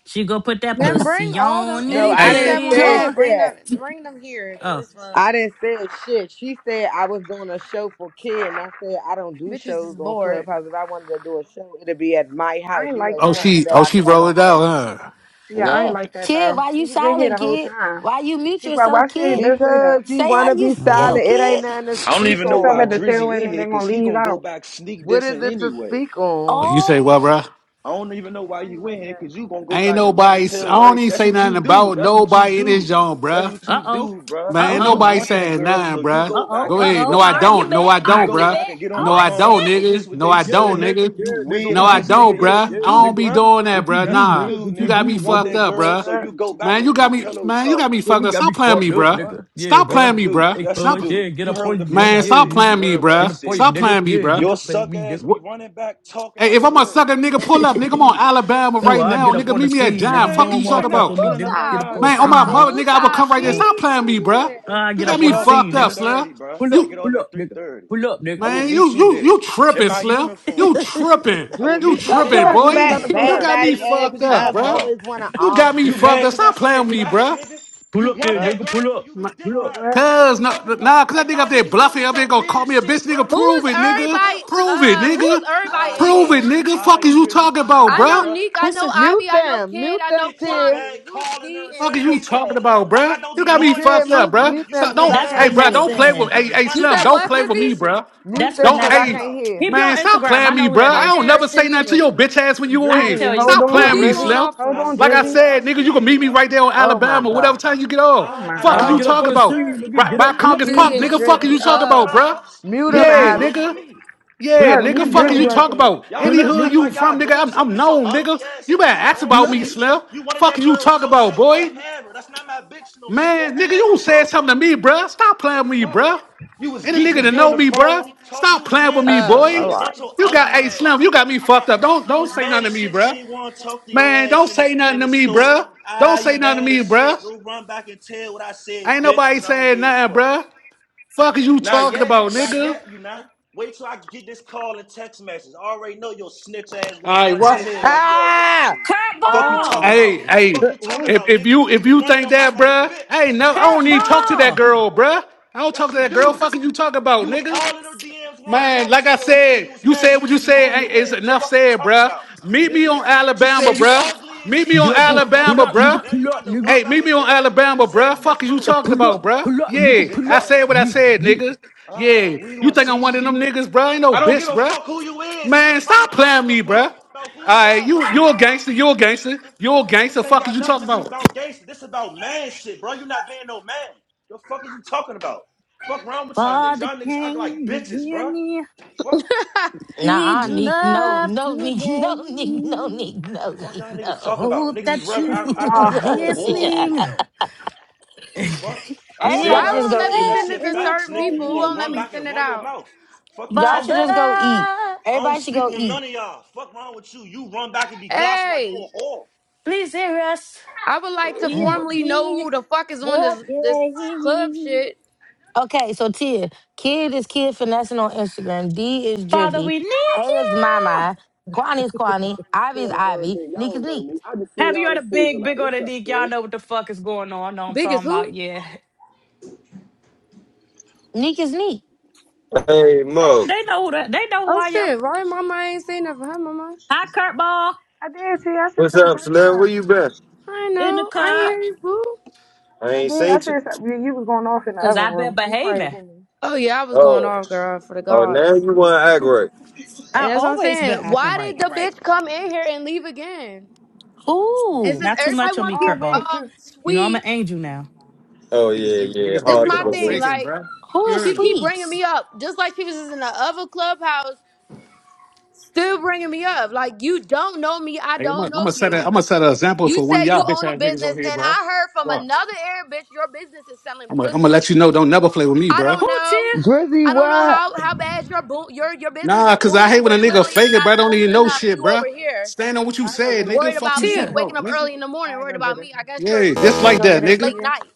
Speaker 1: she go put that
Speaker 3: Man, bring
Speaker 1: pussy
Speaker 3: all them
Speaker 1: on
Speaker 7: No,
Speaker 3: any
Speaker 1: and
Speaker 7: I
Speaker 8: Hey,
Speaker 3: bitch
Speaker 1: put
Speaker 7: didn't
Speaker 3: that
Speaker 1: it
Speaker 3: want
Speaker 7: say
Speaker 4: kid,
Speaker 3: that,
Speaker 1: on.
Speaker 3: bring them
Speaker 7: shit.
Speaker 3: bring them here to
Speaker 1: Oh,
Speaker 3: this
Speaker 7: I
Speaker 3: room.
Speaker 7: didn't say shit. She said I was doing a show for kid, and I said I don't do
Speaker 3: Bitches is
Speaker 7: shows on
Speaker 3: bored.
Speaker 7: Clubhouse. If I wanted to do a show, it'd be at my
Speaker 9: I
Speaker 7: house.
Speaker 9: ain't
Speaker 7: You
Speaker 9: like
Speaker 7: know,
Speaker 8: oh,
Speaker 9: that.
Speaker 7: something
Speaker 8: she,
Speaker 7: that
Speaker 8: oh,
Speaker 7: I
Speaker 8: she
Speaker 7: call my
Speaker 8: rolled out,
Speaker 7: own.
Speaker 8: huh?
Speaker 9: Yeah, I ain't
Speaker 4: yeah,
Speaker 9: like that
Speaker 4: kid,
Speaker 9: though.
Speaker 4: why
Speaker 9: She
Speaker 4: you
Speaker 9: was in here
Speaker 4: silent,
Speaker 9: the whole
Speaker 4: kid?
Speaker 9: time.
Speaker 4: Why you mute
Speaker 9: She like, why
Speaker 4: yourself,
Speaker 9: she ain't
Speaker 4: kid?
Speaker 9: been say that?
Speaker 7: Because he
Speaker 4: Say how
Speaker 7: wanna
Speaker 4: you
Speaker 7: be
Speaker 1: she wanna eat
Speaker 4: feel,
Speaker 1: it.
Speaker 7: silent. It ain't
Speaker 4: kid.
Speaker 7: nothing to
Speaker 5: I don't
Speaker 9: She
Speaker 7: speak
Speaker 5: even know
Speaker 9: said something
Speaker 5: why
Speaker 9: at the
Speaker 7: on.
Speaker 9: tail
Speaker 5: Drizzy
Speaker 9: end
Speaker 5: in
Speaker 9: and
Speaker 5: here,
Speaker 9: then
Speaker 5: cause
Speaker 9: gonna
Speaker 5: he
Speaker 9: leave
Speaker 5: gonna go
Speaker 9: out.
Speaker 5: back sneak
Speaker 7: What is
Speaker 5: dissing
Speaker 7: it to
Speaker 5: anyway.
Speaker 7: speak
Speaker 8: Oh,
Speaker 7: on?
Speaker 8: You say
Speaker 4: Oh.
Speaker 8: what, bro?
Speaker 5: I don't even know why
Speaker 9: I ain't
Speaker 5: you in
Speaker 9: like
Speaker 5: here
Speaker 9: that.
Speaker 5: because you gonna go
Speaker 8: Ain't
Speaker 5: back and want to
Speaker 8: nobody. s-
Speaker 5: tell
Speaker 8: I don't
Speaker 5: Eric.
Speaker 8: even
Speaker 5: That's
Speaker 8: say
Speaker 5: what you
Speaker 8: nothing
Speaker 5: do.
Speaker 8: about
Speaker 5: That's what you
Speaker 8: nobody in this
Speaker 5: do.
Speaker 8: joint,
Speaker 5: That's
Speaker 8: bruh.
Speaker 5: what
Speaker 1: Uh
Speaker 5: you
Speaker 1: oh.
Speaker 5: do, bruh.
Speaker 1: Uh
Speaker 4: oh,
Speaker 8: Man,
Speaker 5: Cause you
Speaker 1: oh.
Speaker 8: nobody
Speaker 5: want that
Speaker 8: saying
Speaker 5: girl,
Speaker 8: nothing,
Speaker 5: so you
Speaker 8: bruh.
Speaker 1: Uh
Speaker 5: go
Speaker 1: oh.
Speaker 5: back
Speaker 8: Go
Speaker 1: Uh
Speaker 5: and you
Speaker 8: ahead.
Speaker 1: oh.
Speaker 8: No,
Speaker 5: go
Speaker 8: I
Speaker 5: back.
Speaker 8: don't.
Speaker 1: Argument.
Speaker 8: No, I
Speaker 5: You
Speaker 8: don't,
Speaker 5: go
Speaker 8: bruh.
Speaker 5: back
Speaker 1: Argument.
Speaker 5: and get on
Speaker 8: No,
Speaker 5: the
Speaker 8: I
Speaker 1: Oh
Speaker 5: phone.
Speaker 8: don't,
Speaker 5: Oh, this
Speaker 8: nigga.
Speaker 5: what
Speaker 8: No,
Speaker 5: they
Speaker 8: I
Speaker 1: Yeah,
Speaker 8: don't,
Speaker 5: said.
Speaker 1: nigga.
Speaker 8: nigga.
Speaker 5: You
Speaker 1: Yeah, nigga.
Speaker 5: weird
Speaker 8: No,
Speaker 1: What you
Speaker 8: I
Speaker 5: ass
Speaker 1: do,
Speaker 8: don't,
Speaker 5: nigga.
Speaker 1: nigga?
Speaker 5: Yes,
Speaker 8: bruh.
Speaker 5: you
Speaker 8: I
Speaker 1: Yeah,
Speaker 8: don't
Speaker 5: do,
Speaker 1: nigga.
Speaker 8: be
Speaker 5: bruh.
Speaker 8: doing
Speaker 1: What
Speaker 8: that,
Speaker 1: you
Speaker 8: bruh.
Speaker 1: do,
Speaker 5: Yes, you
Speaker 1: nigga?
Speaker 8: Nah,
Speaker 5: do,
Speaker 1: What
Speaker 8: you
Speaker 1: you
Speaker 5: nigga.
Speaker 1: do,
Speaker 8: got
Speaker 5: You
Speaker 8: me
Speaker 5: want
Speaker 1: nigga?
Speaker 8: fucked
Speaker 5: that
Speaker 8: up,
Speaker 9: Oh,
Speaker 5: girl,
Speaker 8: bruh.
Speaker 9: what?
Speaker 5: so you go back
Speaker 8: Man,
Speaker 5: and
Speaker 8: you
Speaker 5: be
Speaker 8: got me.
Speaker 5: pillow
Speaker 8: Man, you got
Speaker 5: talking.
Speaker 8: me
Speaker 1: Yeah, you
Speaker 8: fucked up.
Speaker 1: got me
Speaker 8: Stop playing me,
Speaker 1: fucked
Speaker 5: The
Speaker 1: up,
Speaker 8: bruh.
Speaker 5: fuck?
Speaker 1: nigga. Yeah,
Speaker 8: Stop
Speaker 5: Yes,
Speaker 1: bro.
Speaker 8: playing
Speaker 5: you
Speaker 8: me,
Speaker 5: do.
Speaker 8: bruh.
Speaker 1: Hey,
Speaker 5: Yes, you
Speaker 1: cuz.
Speaker 8: Stop.
Speaker 5: do.
Speaker 1: Yeah, get
Speaker 5: You
Speaker 1: up
Speaker 5: heard what
Speaker 1: on
Speaker 5: the
Speaker 1: you, nigga.
Speaker 5: fuck
Speaker 8: Man,
Speaker 5: I
Speaker 1: Yeah,
Speaker 8: stop
Speaker 5: said.
Speaker 1: nigga.
Speaker 5: You
Speaker 8: playing me,
Speaker 5: heard what I
Speaker 1: Get
Speaker 8: bruh.
Speaker 1: up on you,
Speaker 5: said,
Speaker 8: Stop
Speaker 5: nigga.
Speaker 1: nigga.
Speaker 8: playing me,
Speaker 1: Yeah,
Speaker 8: bruh.
Speaker 5: Your
Speaker 1: nigga. Play with
Speaker 5: suck
Speaker 1: me,
Speaker 5: ass
Speaker 1: nigga.
Speaker 5: be
Speaker 8: What?
Speaker 5: running back talking
Speaker 8: Hey,
Speaker 5: like
Speaker 8: if
Speaker 5: a
Speaker 8: I'm a
Speaker 5: girl.
Speaker 8: sucker, nigga,
Speaker 5: That's
Speaker 8: pull
Speaker 5: what
Speaker 8: up,
Speaker 5: you
Speaker 8: nigga. I'm on
Speaker 5: do.
Speaker 8: Alabama
Speaker 1: No,
Speaker 5: That's
Speaker 8: right
Speaker 5: you
Speaker 1: I
Speaker 8: now,
Speaker 1: get up
Speaker 5: do.
Speaker 8: nigga.
Speaker 1: on the
Speaker 8: Meet me at
Speaker 1: scene, nigga.
Speaker 8: John.
Speaker 1: You
Speaker 5: Man,
Speaker 8: Fuck
Speaker 1: don't
Speaker 8: you
Speaker 1: wanna
Speaker 8: talking
Speaker 5: nobody
Speaker 1: fuck
Speaker 5: not
Speaker 8: about?
Speaker 1: with me,
Speaker 5: pulling
Speaker 1: nigga.
Speaker 5: up on
Speaker 1: Get
Speaker 3: Woosah,
Speaker 1: up
Speaker 5: y'all
Speaker 1: on the
Speaker 8: Man, oh
Speaker 5: niggas,
Speaker 8: my
Speaker 1: scene,
Speaker 3: woosah,
Speaker 5: bruh.
Speaker 8: mother,
Speaker 1: nigga.
Speaker 8: nigga, I would
Speaker 3: woosah.
Speaker 8: come right there.
Speaker 1: Um,
Speaker 8: Stop
Speaker 3: See,
Speaker 8: playing me,
Speaker 3: yeah,
Speaker 8: bruh.
Speaker 3: yeah.
Speaker 1: I
Speaker 8: You
Speaker 1: get
Speaker 5: I
Speaker 8: got
Speaker 1: up
Speaker 5: get
Speaker 1: on
Speaker 8: me
Speaker 1: the
Speaker 3: Huh?
Speaker 5: off at
Speaker 1: scene,
Speaker 8: fucked up,
Speaker 1: nigga.
Speaker 8: Slim.
Speaker 5: 3.30, bruh.
Speaker 1: Pull
Speaker 5: I
Speaker 1: up,
Speaker 5: get
Speaker 8: You,
Speaker 5: off
Speaker 1: pull up,
Speaker 5: at
Speaker 1: nigga.
Speaker 5: 3.30.
Speaker 1: Pull up,
Speaker 5: I
Speaker 1: nigga.
Speaker 5: will
Speaker 8: man,
Speaker 5: meet
Speaker 8: you,
Speaker 5: you
Speaker 8: you,
Speaker 5: there
Speaker 8: you
Speaker 5: in
Speaker 8: tripping,
Speaker 5: my
Speaker 8: Slim.
Speaker 5: uniform.
Speaker 8: You tripping.
Speaker 5: I will
Speaker 8: You
Speaker 7: Drizzy,
Speaker 5: meet you
Speaker 9: Oh,
Speaker 7: shut
Speaker 5: there in
Speaker 9: who
Speaker 8: tripping,
Speaker 7: your
Speaker 5: my
Speaker 9: got Drizzy
Speaker 8: boy.
Speaker 7: fat
Speaker 9: about to
Speaker 5: uniform,
Speaker 9: pull
Speaker 5: bruh.
Speaker 8: You
Speaker 7: bad
Speaker 9: up?
Speaker 8: got me
Speaker 5: What
Speaker 7: body
Speaker 5: the
Speaker 7: ass
Speaker 5: fuck is
Speaker 8: fucked
Speaker 5: he
Speaker 8: up,
Speaker 7: up.
Speaker 5: talking
Speaker 8: bruh.
Speaker 5: about?
Speaker 7: Always wanna
Speaker 8: You got me
Speaker 5: You
Speaker 7: argue.
Speaker 8: fucked
Speaker 5: mad
Speaker 8: up.
Speaker 5: because I
Speaker 8: Stop playing
Speaker 5: said
Speaker 8: with me,
Speaker 5: facts,
Speaker 8: bruh.
Speaker 5: nigga?
Speaker 1: Pull
Speaker 5: You
Speaker 1: up there,
Speaker 5: want
Speaker 7: Fuck.
Speaker 5: that
Speaker 1: nigga.
Speaker 5: girl,
Speaker 1: Pull
Speaker 5: so
Speaker 1: up,
Speaker 5: you
Speaker 8: Ma-
Speaker 5: be dick
Speaker 1: pull
Speaker 9: Oh
Speaker 1: up.
Speaker 5: riding.
Speaker 9: what?
Speaker 5: Fuck is you
Speaker 8: Cause no,
Speaker 5: talking about?
Speaker 8: nah, cause that
Speaker 5: Like
Speaker 8: nigga
Speaker 5: y'all
Speaker 8: up there
Speaker 5: niggas be on
Speaker 8: bluffing
Speaker 5: this
Speaker 8: up there
Speaker 5: junk
Speaker 8: gonna
Speaker 5: weird
Speaker 8: call
Speaker 5: as
Speaker 8: me a
Speaker 5: shit,
Speaker 8: bitch,
Speaker 5: bruh.
Speaker 8: nigga.
Speaker 3: Who
Speaker 8: Prove
Speaker 3: is
Speaker 8: it,
Speaker 5: The
Speaker 8: nigga.
Speaker 5: fuck?
Speaker 3: everybody?
Speaker 8: Prove it,
Speaker 3: Uh, who
Speaker 8: nigga.
Speaker 3: is everybody in
Speaker 5: Alright,
Speaker 8: Prove
Speaker 5: bruh.
Speaker 8: it,
Speaker 3: here?
Speaker 8: nigga. Fuck is
Speaker 5: Alright,
Speaker 8: you
Speaker 5: Jersey.
Speaker 8: talking about,
Speaker 3: I
Speaker 5: Alright,
Speaker 3: know
Speaker 8: bruh?
Speaker 5: bruh.
Speaker 3: Neek, I
Speaker 1: Who
Speaker 3: know
Speaker 1: said
Speaker 7: Mute
Speaker 3: Avi, I know
Speaker 7: them.
Speaker 3: Kid,
Speaker 7: Mute
Speaker 3: I know
Speaker 7: them,
Speaker 5: Dick so
Speaker 7: Tia.
Speaker 3: Kwani.
Speaker 5: bad,
Speaker 3: Who's
Speaker 5: calling her
Speaker 3: D
Speaker 5: and
Speaker 3: and
Speaker 8: Fuck
Speaker 3: who
Speaker 8: are
Speaker 5: saying
Speaker 3: is
Speaker 8: you
Speaker 5: shit,
Speaker 3: A?
Speaker 8: talking
Speaker 5: nigga.
Speaker 8: about,
Speaker 5: Like
Speaker 8: bruh?
Speaker 5: I don't
Speaker 8: You
Speaker 5: be
Speaker 8: got me
Speaker 5: knowing that
Speaker 7: Tia,
Speaker 8: fucked
Speaker 5: shit.
Speaker 8: up,
Speaker 7: mute,
Speaker 8: bruh.
Speaker 7: mute
Speaker 5: You
Speaker 7: them
Speaker 8: Stop,
Speaker 7: because
Speaker 8: don't,
Speaker 5: weird
Speaker 7: I
Speaker 1: that's
Speaker 8: hey,
Speaker 7: can't
Speaker 5: ass
Speaker 8: bruh,
Speaker 7: hear.
Speaker 5: nigga.
Speaker 8: don't play
Speaker 1: Vanessa?
Speaker 8: with,
Speaker 5: You
Speaker 8: hey,
Speaker 5: be
Speaker 8: hey,
Speaker 3: You
Speaker 5: running
Speaker 8: Slim,
Speaker 3: said
Speaker 5: back
Speaker 8: don't
Speaker 3: what,
Speaker 8: play
Speaker 5: sneak
Speaker 8: with
Speaker 3: sissy?
Speaker 8: me,
Speaker 5: dissing.
Speaker 8: bruh.
Speaker 5: Fuck
Speaker 7: Mute
Speaker 5: is
Speaker 1: That's
Speaker 5: you
Speaker 7: them
Speaker 8: Don't,
Speaker 7: because I
Speaker 5: talking
Speaker 1: Vanessa.
Speaker 8: hey,
Speaker 7: can't
Speaker 5: about?
Speaker 1: He
Speaker 7: hear.
Speaker 1: be
Speaker 8: man,
Speaker 1: on
Speaker 8: stop
Speaker 1: Instagram. I
Speaker 8: playing
Speaker 1: know
Speaker 8: me,
Speaker 1: who
Speaker 8: bruh.
Speaker 1: that
Speaker 3: I
Speaker 8: I
Speaker 3: can't
Speaker 1: is.
Speaker 8: don't
Speaker 3: hear
Speaker 8: never
Speaker 3: shit
Speaker 8: say nothing to
Speaker 3: either.
Speaker 8: your bitch ass when you on
Speaker 1: I
Speaker 8: here.
Speaker 1: tell
Speaker 9: Drizzy, hold
Speaker 8: Stop
Speaker 1: you.
Speaker 3: Who
Speaker 9: on,
Speaker 8: playing
Speaker 3: D
Speaker 8: me,
Speaker 3: going
Speaker 9: Drizzy.
Speaker 8: Slim.
Speaker 3: off
Speaker 9: Hold
Speaker 5: I
Speaker 3: on?
Speaker 9: on,
Speaker 8: Like I
Speaker 5: said
Speaker 9: Drizzy.
Speaker 5: what I
Speaker 8: said, nigga, you can
Speaker 5: said,
Speaker 8: meet me
Speaker 5: bruh.
Speaker 8: right there on
Speaker 7: Oh my
Speaker 8: Alabama, whatever
Speaker 7: god.
Speaker 8: time you get off.
Speaker 9: Oh
Speaker 5: I,
Speaker 9: my
Speaker 5: I
Speaker 1: I
Speaker 8: Fuck
Speaker 5: get
Speaker 8: are you
Speaker 5: off
Speaker 1: get
Speaker 9: god.
Speaker 1: up
Speaker 5: at
Speaker 1: on
Speaker 8: talking
Speaker 1: the
Speaker 8: about?
Speaker 1: scene,
Speaker 5: 3.30.
Speaker 1: nigga.
Speaker 8: Right
Speaker 5: i
Speaker 1: Get
Speaker 8: by
Speaker 1: up.
Speaker 5: be
Speaker 1: Pull up
Speaker 8: Congress
Speaker 5: right
Speaker 1: there,
Speaker 3: D
Speaker 5: there,
Speaker 8: Park,
Speaker 1: nigga.
Speaker 3: is
Speaker 8: nigga,
Speaker 5: bruh. That
Speaker 8: fuck are
Speaker 3: Drizzy.
Speaker 5: ain't
Speaker 8: you talking
Speaker 5: far from
Speaker 8: about,
Speaker 5: my
Speaker 3: Oh,
Speaker 8: bruh?
Speaker 5: house.
Speaker 7: Mute
Speaker 1: Pull
Speaker 7: them,
Speaker 5: That
Speaker 1: up,
Speaker 5: ain't
Speaker 8: Yeah,
Speaker 1: nigga.
Speaker 5: far
Speaker 7: Ivy.
Speaker 5: from
Speaker 8: nigga.
Speaker 5: me.
Speaker 1: Pull
Speaker 8: Yeah,
Speaker 9: Yes,
Speaker 1: up,
Speaker 5: Fuck
Speaker 8: nigga,
Speaker 5: is
Speaker 9: mute
Speaker 1: nigga.
Speaker 5: you
Speaker 8: fuck
Speaker 1: Yeah,
Speaker 8: is
Speaker 9: Drizzy
Speaker 8: you
Speaker 5: talking
Speaker 1: nigga.
Speaker 9: right
Speaker 8: talk
Speaker 5: about?
Speaker 9: quick.
Speaker 8: about?
Speaker 5: Y'all
Speaker 1: Pull
Speaker 8: Any
Speaker 1: up,
Speaker 5: niggas
Speaker 8: hood
Speaker 5: act
Speaker 1: nigga.
Speaker 8: you
Speaker 5: like
Speaker 8: from,
Speaker 5: y'all
Speaker 8: nigga,
Speaker 5: doing
Speaker 8: I'm,
Speaker 5: something.
Speaker 8: I'm
Speaker 5: Get your
Speaker 8: known,
Speaker 5: ugly
Speaker 8: nigga.
Speaker 5: ass
Speaker 8: You better
Speaker 5: on. You not
Speaker 8: ask
Speaker 5: on
Speaker 1: Pull
Speaker 8: about
Speaker 1: up,
Speaker 8: me,
Speaker 5: shit.
Speaker 1: nigga.
Speaker 8: Slim.
Speaker 5: You wanted
Speaker 8: Fuck
Speaker 5: that
Speaker 8: is you
Speaker 5: girl
Speaker 8: talk
Speaker 5: so
Speaker 8: about,
Speaker 5: bad you could
Speaker 8: boy?
Speaker 5: have her. That's not my bitch no more. Go
Speaker 8: Man, nigga,
Speaker 5: have
Speaker 8: you
Speaker 5: her, bro.
Speaker 8: said something to me, bruh. Stop
Speaker 5: What The
Speaker 8: playing with me,
Speaker 5: fuck?
Speaker 8: bruh.
Speaker 5: You was
Speaker 8: Any
Speaker 5: geeked
Speaker 8: nigga
Speaker 5: to
Speaker 8: that
Speaker 5: be on
Speaker 8: know
Speaker 5: the
Speaker 8: me, bruh,
Speaker 5: phone. Talk. You
Speaker 8: stop
Speaker 5: was
Speaker 8: playing with
Speaker 5: mad
Speaker 3: oh,
Speaker 5: as
Speaker 8: me,
Speaker 5: shit. She
Speaker 3: all
Speaker 8: boy.
Speaker 5: ain't
Speaker 3: right.
Speaker 5: want your
Speaker 8: You got,
Speaker 5: ugly
Speaker 8: hey, Slim, you
Speaker 5: ass.
Speaker 8: got me
Speaker 5: I
Speaker 8: fucked
Speaker 5: got.
Speaker 8: up. Don't,
Speaker 5: You
Speaker 8: don't
Speaker 5: was
Speaker 8: say
Speaker 5: mad
Speaker 8: nothing to
Speaker 5: as
Speaker 8: me,
Speaker 5: shit.
Speaker 8: bruh.
Speaker 5: She ain't want to talk to your
Speaker 8: Man,
Speaker 5: ass
Speaker 8: don't
Speaker 5: in the
Speaker 8: say nothing
Speaker 5: in
Speaker 8: to
Speaker 5: the
Speaker 8: me,
Speaker 5: store.
Speaker 8: bruh.
Speaker 5: Ah,
Speaker 8: Don't
Speaker 5: you
Speaker 8: say nothing
Speaker 5: mad
Speaker 8: to me,
Speaker 5: as shit.
Speaker 8: bruh.
Speaker 5: Go run back and tell what I said,
Speaker 8: Ain't
Speaker 5: bitch,
Speaker 8: nobody
Speaker 5: because I don't
Speaker 8: saying
Speaker 5: give a
Speaker 8: nothing,
Speaker 5: fuck.
Speaker 8: bruh. Fuck is you
Speaker 5: Not
Speaker 8: talking
Speaker 5: yet.
Speaker 8: about,
Speaker 5: Not
Speaker 8: nigga?
Speaker 5: yet. You not. Wait till I get this call and text message. I already know your snitch ass
Speaker 8: All
Speaker 5: gonna
Speaker 8: right,
Speaker 5: run and
Speaker 8: what?
Speaker 5: tell like you always do.
Speaker 7: Ah!
Speaker 1: Kurt
Speaker 5: Fuck you
Speaker 1: Ball!
Speaker 5: talking
Speaker 4: Oh,
Speaker 8: Hey,
Speaker 5: about.
Speaker 8: hey,
Speaker 5: Fuck you
Speaker 9: Wait,
Speaker 5: talking
Speaker 8: if,
Speaker 5: about,
Speaker 8: if
Speaker 5: nigga.
Speaker 8: you
Speaker 5: You
Speaker 8: if
Speaker 5: be
Speaker 8: you
Speaker 5: running
Speaker 8: think
Speaker 5: your mouth
Speaker 8: that,
Speaker 5: like a
Speaker 8: bruh,
Speaker 5: bitch.
Speaker 8: hey, no, I
Speaker 5: Fuck
Speaker 8: don't
Speaker 5: you
Speaker 1: Kurt
Speaker 8: need to
Speaker 5: talking
Speaker 8: talk to
Speaker 5: about.
Speaker 8: that
Speaker 1: Ball!
Speaker 8: girl, bruh. I don't talk
Speaker 5: Yes,
Speaker 8: to
Speaker 5: you
Speaker 8: that girl.
Speaker 5: do.
Speaker 8: Fucking you talk about,
Speaker 5: You was
Speaker 8: nigga.
Speaker 5: all in her DMs want to
Speaker 8: Man,
Speaker 5: talk
Speaker 8: like
Speaker 5: to
Speaker 8: I
Speaker 5: her, and you
Speaker 8: said,
Speaker 5: was
Speaker 8: you
Speaker 5: mad
Speaker 8: said
Speaker 5: she
Speaker 8: what
Speaker 5: was
Speaker 8: you said.
Speaker 5: ignoring your
Speaker 8: Ain't- It's
Speaker 5: ass.
Speaker 8: enough
Speaker 5: Fuck you
Speaker 8: said,
Speaker 5: talking
Speaker 8: bruh.
Speaker 5: about,
Speaker 8: Meet me
Speaker 5: nigga.
Speaker 8: on
Speaker 5: She
Speaker 8: Alabama,
Speaker 5: said you
Speaker 8: bruh.
Speaker 5: ugly as
Speaker 8: Meet me
Speaker 5: shit
Speaker 1: Get
Speaker 8: on
Speaker 5: and
Speaker 1: up,
Speaker 5: been
Speaker 1: pull, pull
Speaker 8: Alabama,
Speaker 5: annoying.
Speaker 1: up, nigga.
Speaker 8: bruh.
Speaker 5: Now you
Speaker 1: Pull up,
Speaker 5: about to
Speaker 1: nigga.
Speaker 5: run
Speaker 8: Hey,
Speaker 5: back
Speaker 8: meet
Speaker 5: and
Speaker 8: me on
Speaker 5: say everything
Speaker 8: Alabama,
Speaker 5: was said
Speaker 8: bruh.
Speaker 5: in
Speaker 8: Fuck
Speaker 5: this
Speaker 8: is you
Speaker 1: Yeah,
Speaker 5: room.
Speaker 8: talking
Speaker 1: pull
Speaker 8: about,
Speaker 1: up,
Speaker 8: bruh?
Speaker 1: pull up, nigga.
Speaker 8: Yeah,
Speaker 5: Bitch
Speaker 1: Pull
Speaker 8: I
Speaker 1: up.
Speaker 8: said
Speaker 5: ass
Speaker 8: what I
Speaker 5: nigga.
Speaker 1: Yeah,
Speaker 8: said,
Speaker 1: yeah.
Speaker 8: nigga.
Speaker 5: All right,
Speaker 8: Yeah,
Speaker 5: we
Speaker 8: you
Speaker 5: gonna
Speaker 8: think I'm
Speaker 5: see.
Speaker 8: one of them niggas, bruh? Ain't no
Speaker 5: I don't give
Speaker 8: bitch,
Speaker 5: a
Speaker 8: bruh.
Speaker 5: fuck who you is. That's the
Speaker 8: Man,
Speaker 5: problem.
Speaker 8: stop
Speaker 5: I don't
Speaker 8: playing
Speaker 5: give a
Speaker 8: me,
Speaker 5: fuck
Speaker 8: bruh.
Speaker 5: about who
Speaker 8: All
Speaker 5: you
Speaker 8: right,
Speaker 5: are, bro.
Speaker 8: you you a gangster, you a gangster,
Speaker 5: The
Speaker 8: you a
Speaker 5: fuck? This
Speaker 8: gangster.
Speaker 5: ain't
Speaker 8: Fuck is
Speaker 5: got
Speaker 8: you
Speaker 5: nothing
Speaker 8: talking
Speaker 5: to be
Speaker 8: about?
Speaker 5: about gangster. This about man shit, bro. you not being no man. The fuck is you talking about? Fuck wrong with y'all niggas.
Speaker 1: Father,
Speaker 5: Y'all niggas act like
Speaker 1: can you
Speaker 5: bitches,
Speaker 1: hear
Speaker 5: bro.
Speaker 1: me?
Speaker 5: Fuck.
Speaker 1: Need
Speaker 4: nah,
Speaker 1: your
Speaker 4: Neek, no,
Speaker 1: love
Speaker 4: no, Neek,
Speaker 1: today.
Speaker 4: no, Neek, no, Neek, no,
Speaker 5: Fuck
Speaker 4: Neek,
Speaker 5: y'all niggas
Speaker 4: no.
Speaker 5: talking about.
Speaker 1: Hope
Speaker 5: Niggas be
Speaker 1: that
Speaker 5: rev- act,
Speaker 1: you
Speaker 5: act
Speaker 9: Qua.
Speaker 1: are
Speaker 5: like cold whores
Speaker 4: yeah.
Speaker 5: on this
Speaker 1: listening.
Speaker 5: joint. Fuck. I said
Speaker 4: Everybody
Speaker 1: If
Speaker 3: Why
Speaker 5: what I
Speaker 4: just
Speaker 3: won't
Speaker 4: go
Speaker 5: said
Speaker 3: let
Speaker 5: because
Speaker 3: me
Speaker 5: that
Speaker 4: eat.
Speaker 3: send
Speaker 5: shit
Speaker 3: it to
Speaker 5: facts,
Speaker 3: certain
Speaker 5: nigga.
Speaker 3: people?
Speaker 5: You
Speaker 3: Who
Speaker 5: gonna
Speaker 3: won't let
Speaker 5: run
Speaker 1: everything,
Speaker 3: me
Speaker 5: back and
Speaker 3: send it
Speaker 5: run your
Speaker 3: out?
Speaker 5: mouth. Fuck you
Speaker 4: Y'all should
Speaker 5: talking about.
Speaker 4: just go eat.
Speaker 1: Father,
Speaker 5: I don't
Speaker 4: Everybody should
Speaker 5: speak
Speaker 4: go
Speaker 5: on none
Speaker 4: eat.
Speaker 5: of y'all. Fuck wrong with you. You run back and be gossip like a
Speaker 3: Hey,
Speaker 5: little
Speaker 1: please hear us.
Speaker 3: I would
Speaker 5: whore.
Speaker 3: like
Speaker 5: Fuck,
Speaker 3: to
Speaker 1: It
Speaker 5: nigga.
Speaker 4: Mm.
Speaker 1: will
Speaker 3: formally know
Speaker 1: be
Speaker 3: who the fuck is on
Speaker 1: what
Speaker 3: this this club
Speaker 1: day.
Speaker 3: shit.
Speaker 4: Okay, so Tia, kid is kid finessing on Instagram. D is
Speaker 1: Father,
Speaker 4: Drizzy.
Speaker 1: we need
Speaker 4: A is
Speaker 1: you.
Speaker 4: Mama. Kwani is Kwani.
Speaker 5: y'all in the
Speaker 4: Ivy is
Speaker 5: store the other
Speaker 4: Ivy.
Speaker 5: day.
Speaker 4: Neek
Speaker 5: Y'all
Speaker 4: is
Speaker 5: don't know
Speaker 4: Neek.
Speaker 5: me. I just seen
Speaker 1: Have you
Speaker 5: y'all
Speaker 1: heard
Speaker 5: in
Speaker 1: a
Speaker 5: Savior
Speaker 1: big,
Speaker 5: like,
Speaker 1: big on
Speaker 5: what's
Speaker 1: the
Speaker 5: up,
Speaker 1: deek? Y'all
Speaker 5: Ted?
Speaker 1: know what the fuck is going on. Know what I'm
Speaker 3: Big as
Speaker 1: talking about?
Speaker 3: who?
Speaker 1: Yeah,
Speaker 4: Neek is Neek.
Speaker 10: Hey
Speaker 1: they,
Speaker 10: Mo,
Speaker 1: they know who that. They know who
Speaker 3: Oh
Speaker 1: I am.
Speaker 3: shit, Why mama ain't say nothing. Hi mama.
Speaker 1: Hi, Kurt Ball
Speaker 9: I did see I said
Speaker 10: what's
Speaker 9: something
Speaker 10: up,
Speaker 9: three
Speaker 10: Slim? Where
Speaker 9: times.
Speaker 10: you been?
Speaker 3: I
Speaker 1: in the
Speaker 3: know. I ain't
Speaker 1: cut.
Speaker 3: hear you, boo.
Speaker 10: I
Speaker 9: I
Speaker 10: ain't
Speaker 9: did. I
Speaker 10: seen you.
Speaker 9: said something you, you was going off in the
Speaker 1: Cause
Speaker 9: other
Speaker 1: I've been
Speaker 9: room, so you probably
Speaker 1: behaving.
Speaker 9: hear me.
Speaker 3: Oh yeah, I was going
Speaker 10: Oh,
Speaker 3: off, girl, for the
Speaker 10: oh,
Speaker 3: gods.
Speaker 10: now you want to act right.
Speaker 1: I
Speaker 3: And that's what I'm
Speaker 1: always been
Speaker 3: saying.
Speaker 1: acting
Speaker 3: Why
Speaker 1: right.
Speaker 3: did the Right. bitch come in here and leave again? And
Speaker 4: Who?
Speaker 3: since
Speaker 1: Not too much
Speaker 3: everybody
Speaker 1: on
Speaker 3: want
Speaker 1: me,
Speaker 3: to
Speaker 9: Oh
Speaker 3: keep
Speaker 1: Kurtball.
Speaker 9: wait,
Speaker 3: um
Speaker 9: cause
Speaker 1: You know I'm an
Speaker 3: sweet,
Speaker 1: angel now.
Speaker 10: Oh
Speaker 8: Niggas
Speaker 10: yeah,
Speaker 8: be,
Speaker 10: yeah,
Speaker 8: niggas be
Speaker 3: this
Speaker 8: on
Speaker 10: hard to
Speaker 8: this
Speaker 3: my
Speaker 8: on
Speaker 10: believe.
Speaker 3: thing.
Speaker 8: faking,
Speaker 3: Like
Speaker 8: bruh.
Speaker 4: Who
Speaker 8: You
Speaker 4: is
Speaker 3: she
Speaker 8: heard me?
Speaker 3: keep bringing
Speaker 4: Sweets?
Speaker 3: me up, just like she was just in the other clubhouse, still bringing me up. Like you don't know me, I
Speaker 8: Hey, I'm gonna
Speaker 3: don't
Speaker 8: I'm
Speaker 3: know
Speaker 8: gonna set a,
Speaker 3: you.
Speaker 8: I'm gonna set an example
Speaker 3: You
Speaker 8: for one of
Speaker 3: say
Speaker 8: y'all
Speaker 3: you
Speaker 8: bitch
Speaker 3: own a
Speaker 8: ass niggas
Speaker 3: business,
Speaker 8: on
Speaker 3: and
Speaker 8: here, bruh.
Speaker 3: I heard from
Speaker 8: What?
Speaker 3: another air bitch your business is selling
Speaker 8: I'm gonna I'm gonna
Speaker 3: pussy.
Speaker 8: let you know. Don't never play with me,
Speaker 3: I
Speaker 8: bruh.
Speaker 3: don't
Speaker 1: Who,
Speaker 3: know.
Speaker 1: Tia?
Speaker 7: Drizzy,
Speaker 3: I don't know
Speaker 7: what?
Speaker 3: how how bad your boom your your business
Speaker 8: Nah,
Speaker 3: is
Speaker 8: cause I hate
Speaker 3: booming,
Speaker 8: when a
Speaker 3: but
Speaker 8: nigga
Speaker 3: clearly it's
Speaker 8: fake it,
Speaker 3: not
Speaker 8: bruh. Don't
Speaker 3: booming
Speaker 8: even know
Speaker 3: enough.
Speaker 8: shit,
Speaker 3: You over
Speaker 8: bruh.
Speaker 3: here
Speaker 8: Stand on what you
Speaker 9: I go
Speaker 8: said,
Speaker 9: get her.
Speaker 8: nigga.
Speaker 3: worried
Speaker 8: Fuck you
Speaker 3: about me
Speaker 8: talking
Speaker 1: Tia.
Speaker 3: waking
Speaker 8: about,
Speaker 3: up
Speaker 8: nigga.
Speaker 3: early in the morning,
Speaker 9: I
Speaker 3: worried
Speaker 9: go get
Speaker 3: about me.
Speaker 9: her.
Speaker 3: I guess your
Speaker 8: Yeah,
Speaker 3: your
Speaker 9: You
Speaker 8: just
Speaker 9: want
Speaker 3: your
Speaker 9: me
Speaker 8: like
Speaker 9: to go get
Speaker 8: that,
Speaker 3: shift is
Speaker 9: her Tia?
Speaker 8: nigga.
Speaker 3: late
Speaker 9: you?
Speaker 3: night.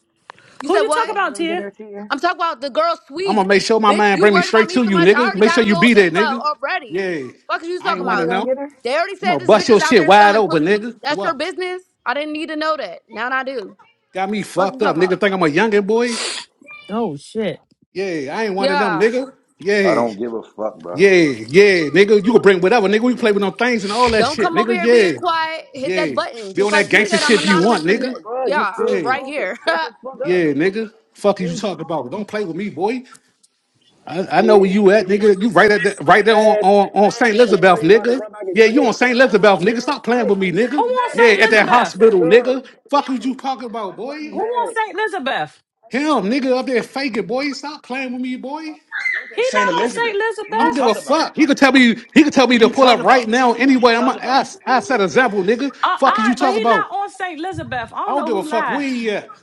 Speaker 3: You
Speaker 1: Who
Speaker 3: said
Speaker 1: you talk
Speaker 3: what?
Speaker 9: want me
Speaker 1: about,
Speaker 9: to go get
Speaker 1: Tia?
Speaker 9: her Tia? you?
Speaker 3: I'm talking about the girl
Speaker 8: I'm
Speaker 3: sweet,
Speaker 8: gonna make sure my
Speaker 3: bitch.
Speaker 8: man
Speaker 3: You
Speaker 8: bring me
Speaker 3: worried about
Speaker 8: straight
Speaker 3: me
Speaker 8: to
Speaker 3: so
Speaker 8: you,
Speaker 3: much. I
Speaker 8: nigga.
Speaker 3: already
Speaker 8: Make sure
Speaker 3: got a
Speaker 8: you
Speaker 3: little
Speaker 8: be there,
Speaker 3: info
Speaker 8: nigga.
Speaker 3: already.
Speaker 8: Yeah,
Speaker 3: Fuck is you
Speaker 8: I
Speaker 3: talking
Speaker 8: ain't
Speaker 9: You want
Speaker 8: wanna
Speaker 9: me
Speaker 3: about?
Speaker 9: to go
Speaker 8: know.
Speaker 9: get her?
Speaker 3: They already
Speaker 8: I'm
Speaker 3: said
Speaker 8: gonna
Speaker 3: this
Speaker 8: bust
Speaker 3: bitch is
Speaker 8: your
Speaker 3: out
Speaker 8: shit
Speaker 3: there
Speaker 8: wide
Speaker 3: selling
Speaker 8: open,
Speaker 3: pussy.
Speaker 8: nigga.
Speaker 3: That's your
Speaker 8: What?
Speaker 3: business. I didn't need to know that. Now I do.
Speaker 8: Got me
Speaker 3: Fuck you
Speaker 8: fucked up,
Speaker 3: talking about?
Speaker 8: nigga. Think I'm a youngin' boy?
Speaker 1: Oh shit.
Speaker 8: Yeah, I ain't one of them,
Speaker 3: Yeah.
Speaker 8: nigga.
Speaker 5: I
Speaker 8: Yeah,
Speaker 5: don't give a fuck, bro.
Speaker 8: yeah, yeah, nigga. You can bring whatever, nigga. We play with no things and all that
Speaker 3: Don't
Speaker 8: shit,
Speaker 3: come over
Speaker 8: nigga.
Speaker 3: here being
Speaker 8: Yeah.
Speaker 3: quiet. Hit that
Speaker 8: Yeah.
Speaker 3: button.
Speaker 8: Be
Speaker 3: Just
Speaker 8: on that
Speaker 3: like you
Speaker 8: gangster
Speaker 3: said,
Speaker 5: Drizzy,
Speaker 3: I'm
Speaker 8: shit if
Speaker 5: we
Speaker 8: you
Speaker 5: gonna
Speaker 3: anonymous
Speaker 8: want,
Speaker 3: and
Speaker 5: see,
Speaker 8: nigga.
Speaker 5: bro. You
Speaker 3: yeah,
Speaker 5: still
Speaker 3: I'm
Speaker 8: Yeah.
Speaker 3: right
Speaker 5: talking.
Speaker 3: here.
Speaker 5: Shut the fuck
Speaker 8: Yeah,
Speaker 5: up.
Speaker 8: nigga.
Speaker 5: You
Speaker 8: Fuck is you
Speaker 5: still
Speaker 8: talking
Speaker 5: talking.
Speaker 8: about? Don't play with me, boy.
Speaker 5: Like I
Speaker 8: I, I know where
Speaker 5: said,
Speaker 8: you
Speaker 5: she
Speaker 8: at,
Speaker 5: didn't want
Speaker 8: nigga. You
Speaker 5: your
Speaker 8: right at
Speaker 5: fish
Speaker 8: that, right
Speaker 5: looking
Speaker 8: there on,
Speaker 5: ass and
Speaker 8: on,
Speaker 5: you
Speaker 8: on St.
Speaker 5: mad, so you know
Speaker 8: Elizabeth,
Speaker 5: you about to
Speaker 8: nigga.
Speaker 5: run back and
Speaker 8: Yeah, you
Speaker 5: snitch.
Speaker 8: on St. Elizabeth,
Speaker 5: Ah, you
Speaker 8: nigga.
Speaker 5: mad as
Speaker 8: Stop playing
Speaker 5: shit.
Speaker 8: with me,
Speaker 1: Who
Speaker 8: nigga.
Speaker 5: You mad
Speaker 1: wants
Speaker 5: as
Speaker 8: Yeah,
Speaker 1: Saint
Speaker 5: shit.
Speaker 8: at
Speaker 5: You
Speaker 8: that
Speaker 5: can't get
Speaker 1: Elizabeth?
Speaker 5: that
Speaker 8: hospital,
Speaker 5: girl.
Speaker 8: nigga. Fuck is you talking about,
Speaker 5: That's why
Speaker 8: boy?
Speaker 5: you
Speaker 1: Who wants
Speaker 5: mad.
Speaker 1: Saint Elizabeth?
Speaker 8: Him, nigga, up there faking, boy. Stop playing with me, boy.
Speaker 1: He
Speaker 5: Saint
Speaker 1: not on Saint
Speaker 5: Elizabeth, what
Speaker 8: I
Speaker 5: you
Speaker 8: don't
Speaker 1: Elizabeth.
Speaker 8: give a
Speaker 5: talk about?
Speaker 8: fuck. He could tell me he could tell me
Speaker 5: What
Speaker 8: to
Speaker 5: you
Speaker 8: pull
Speaker 5: talk
Speaker 8: up right
Speaker 5: about?
Speaker 8: now
Speaker 5: What you
Speaker 8: anyway. I'm a
Speaker 5: talk about?
Speaker 8: I, I set a example, nigga.
Speaker 1: Uh, all
Speaker 8: Fuck is you
Speaker 1: right, but
Speaker 8: talking
Speaker 1: he
Speaker 8: about?
Speaker 1: not on St. Elizabeth. I
Speaker 8: I
Speaker 1: don't
Speaker 8: don't
Speaker 1: know
Speaker 8: give a
Speaker 1: who
Speaker 8: fuck
Speaker 1: lied.
Speaker 8: where he at.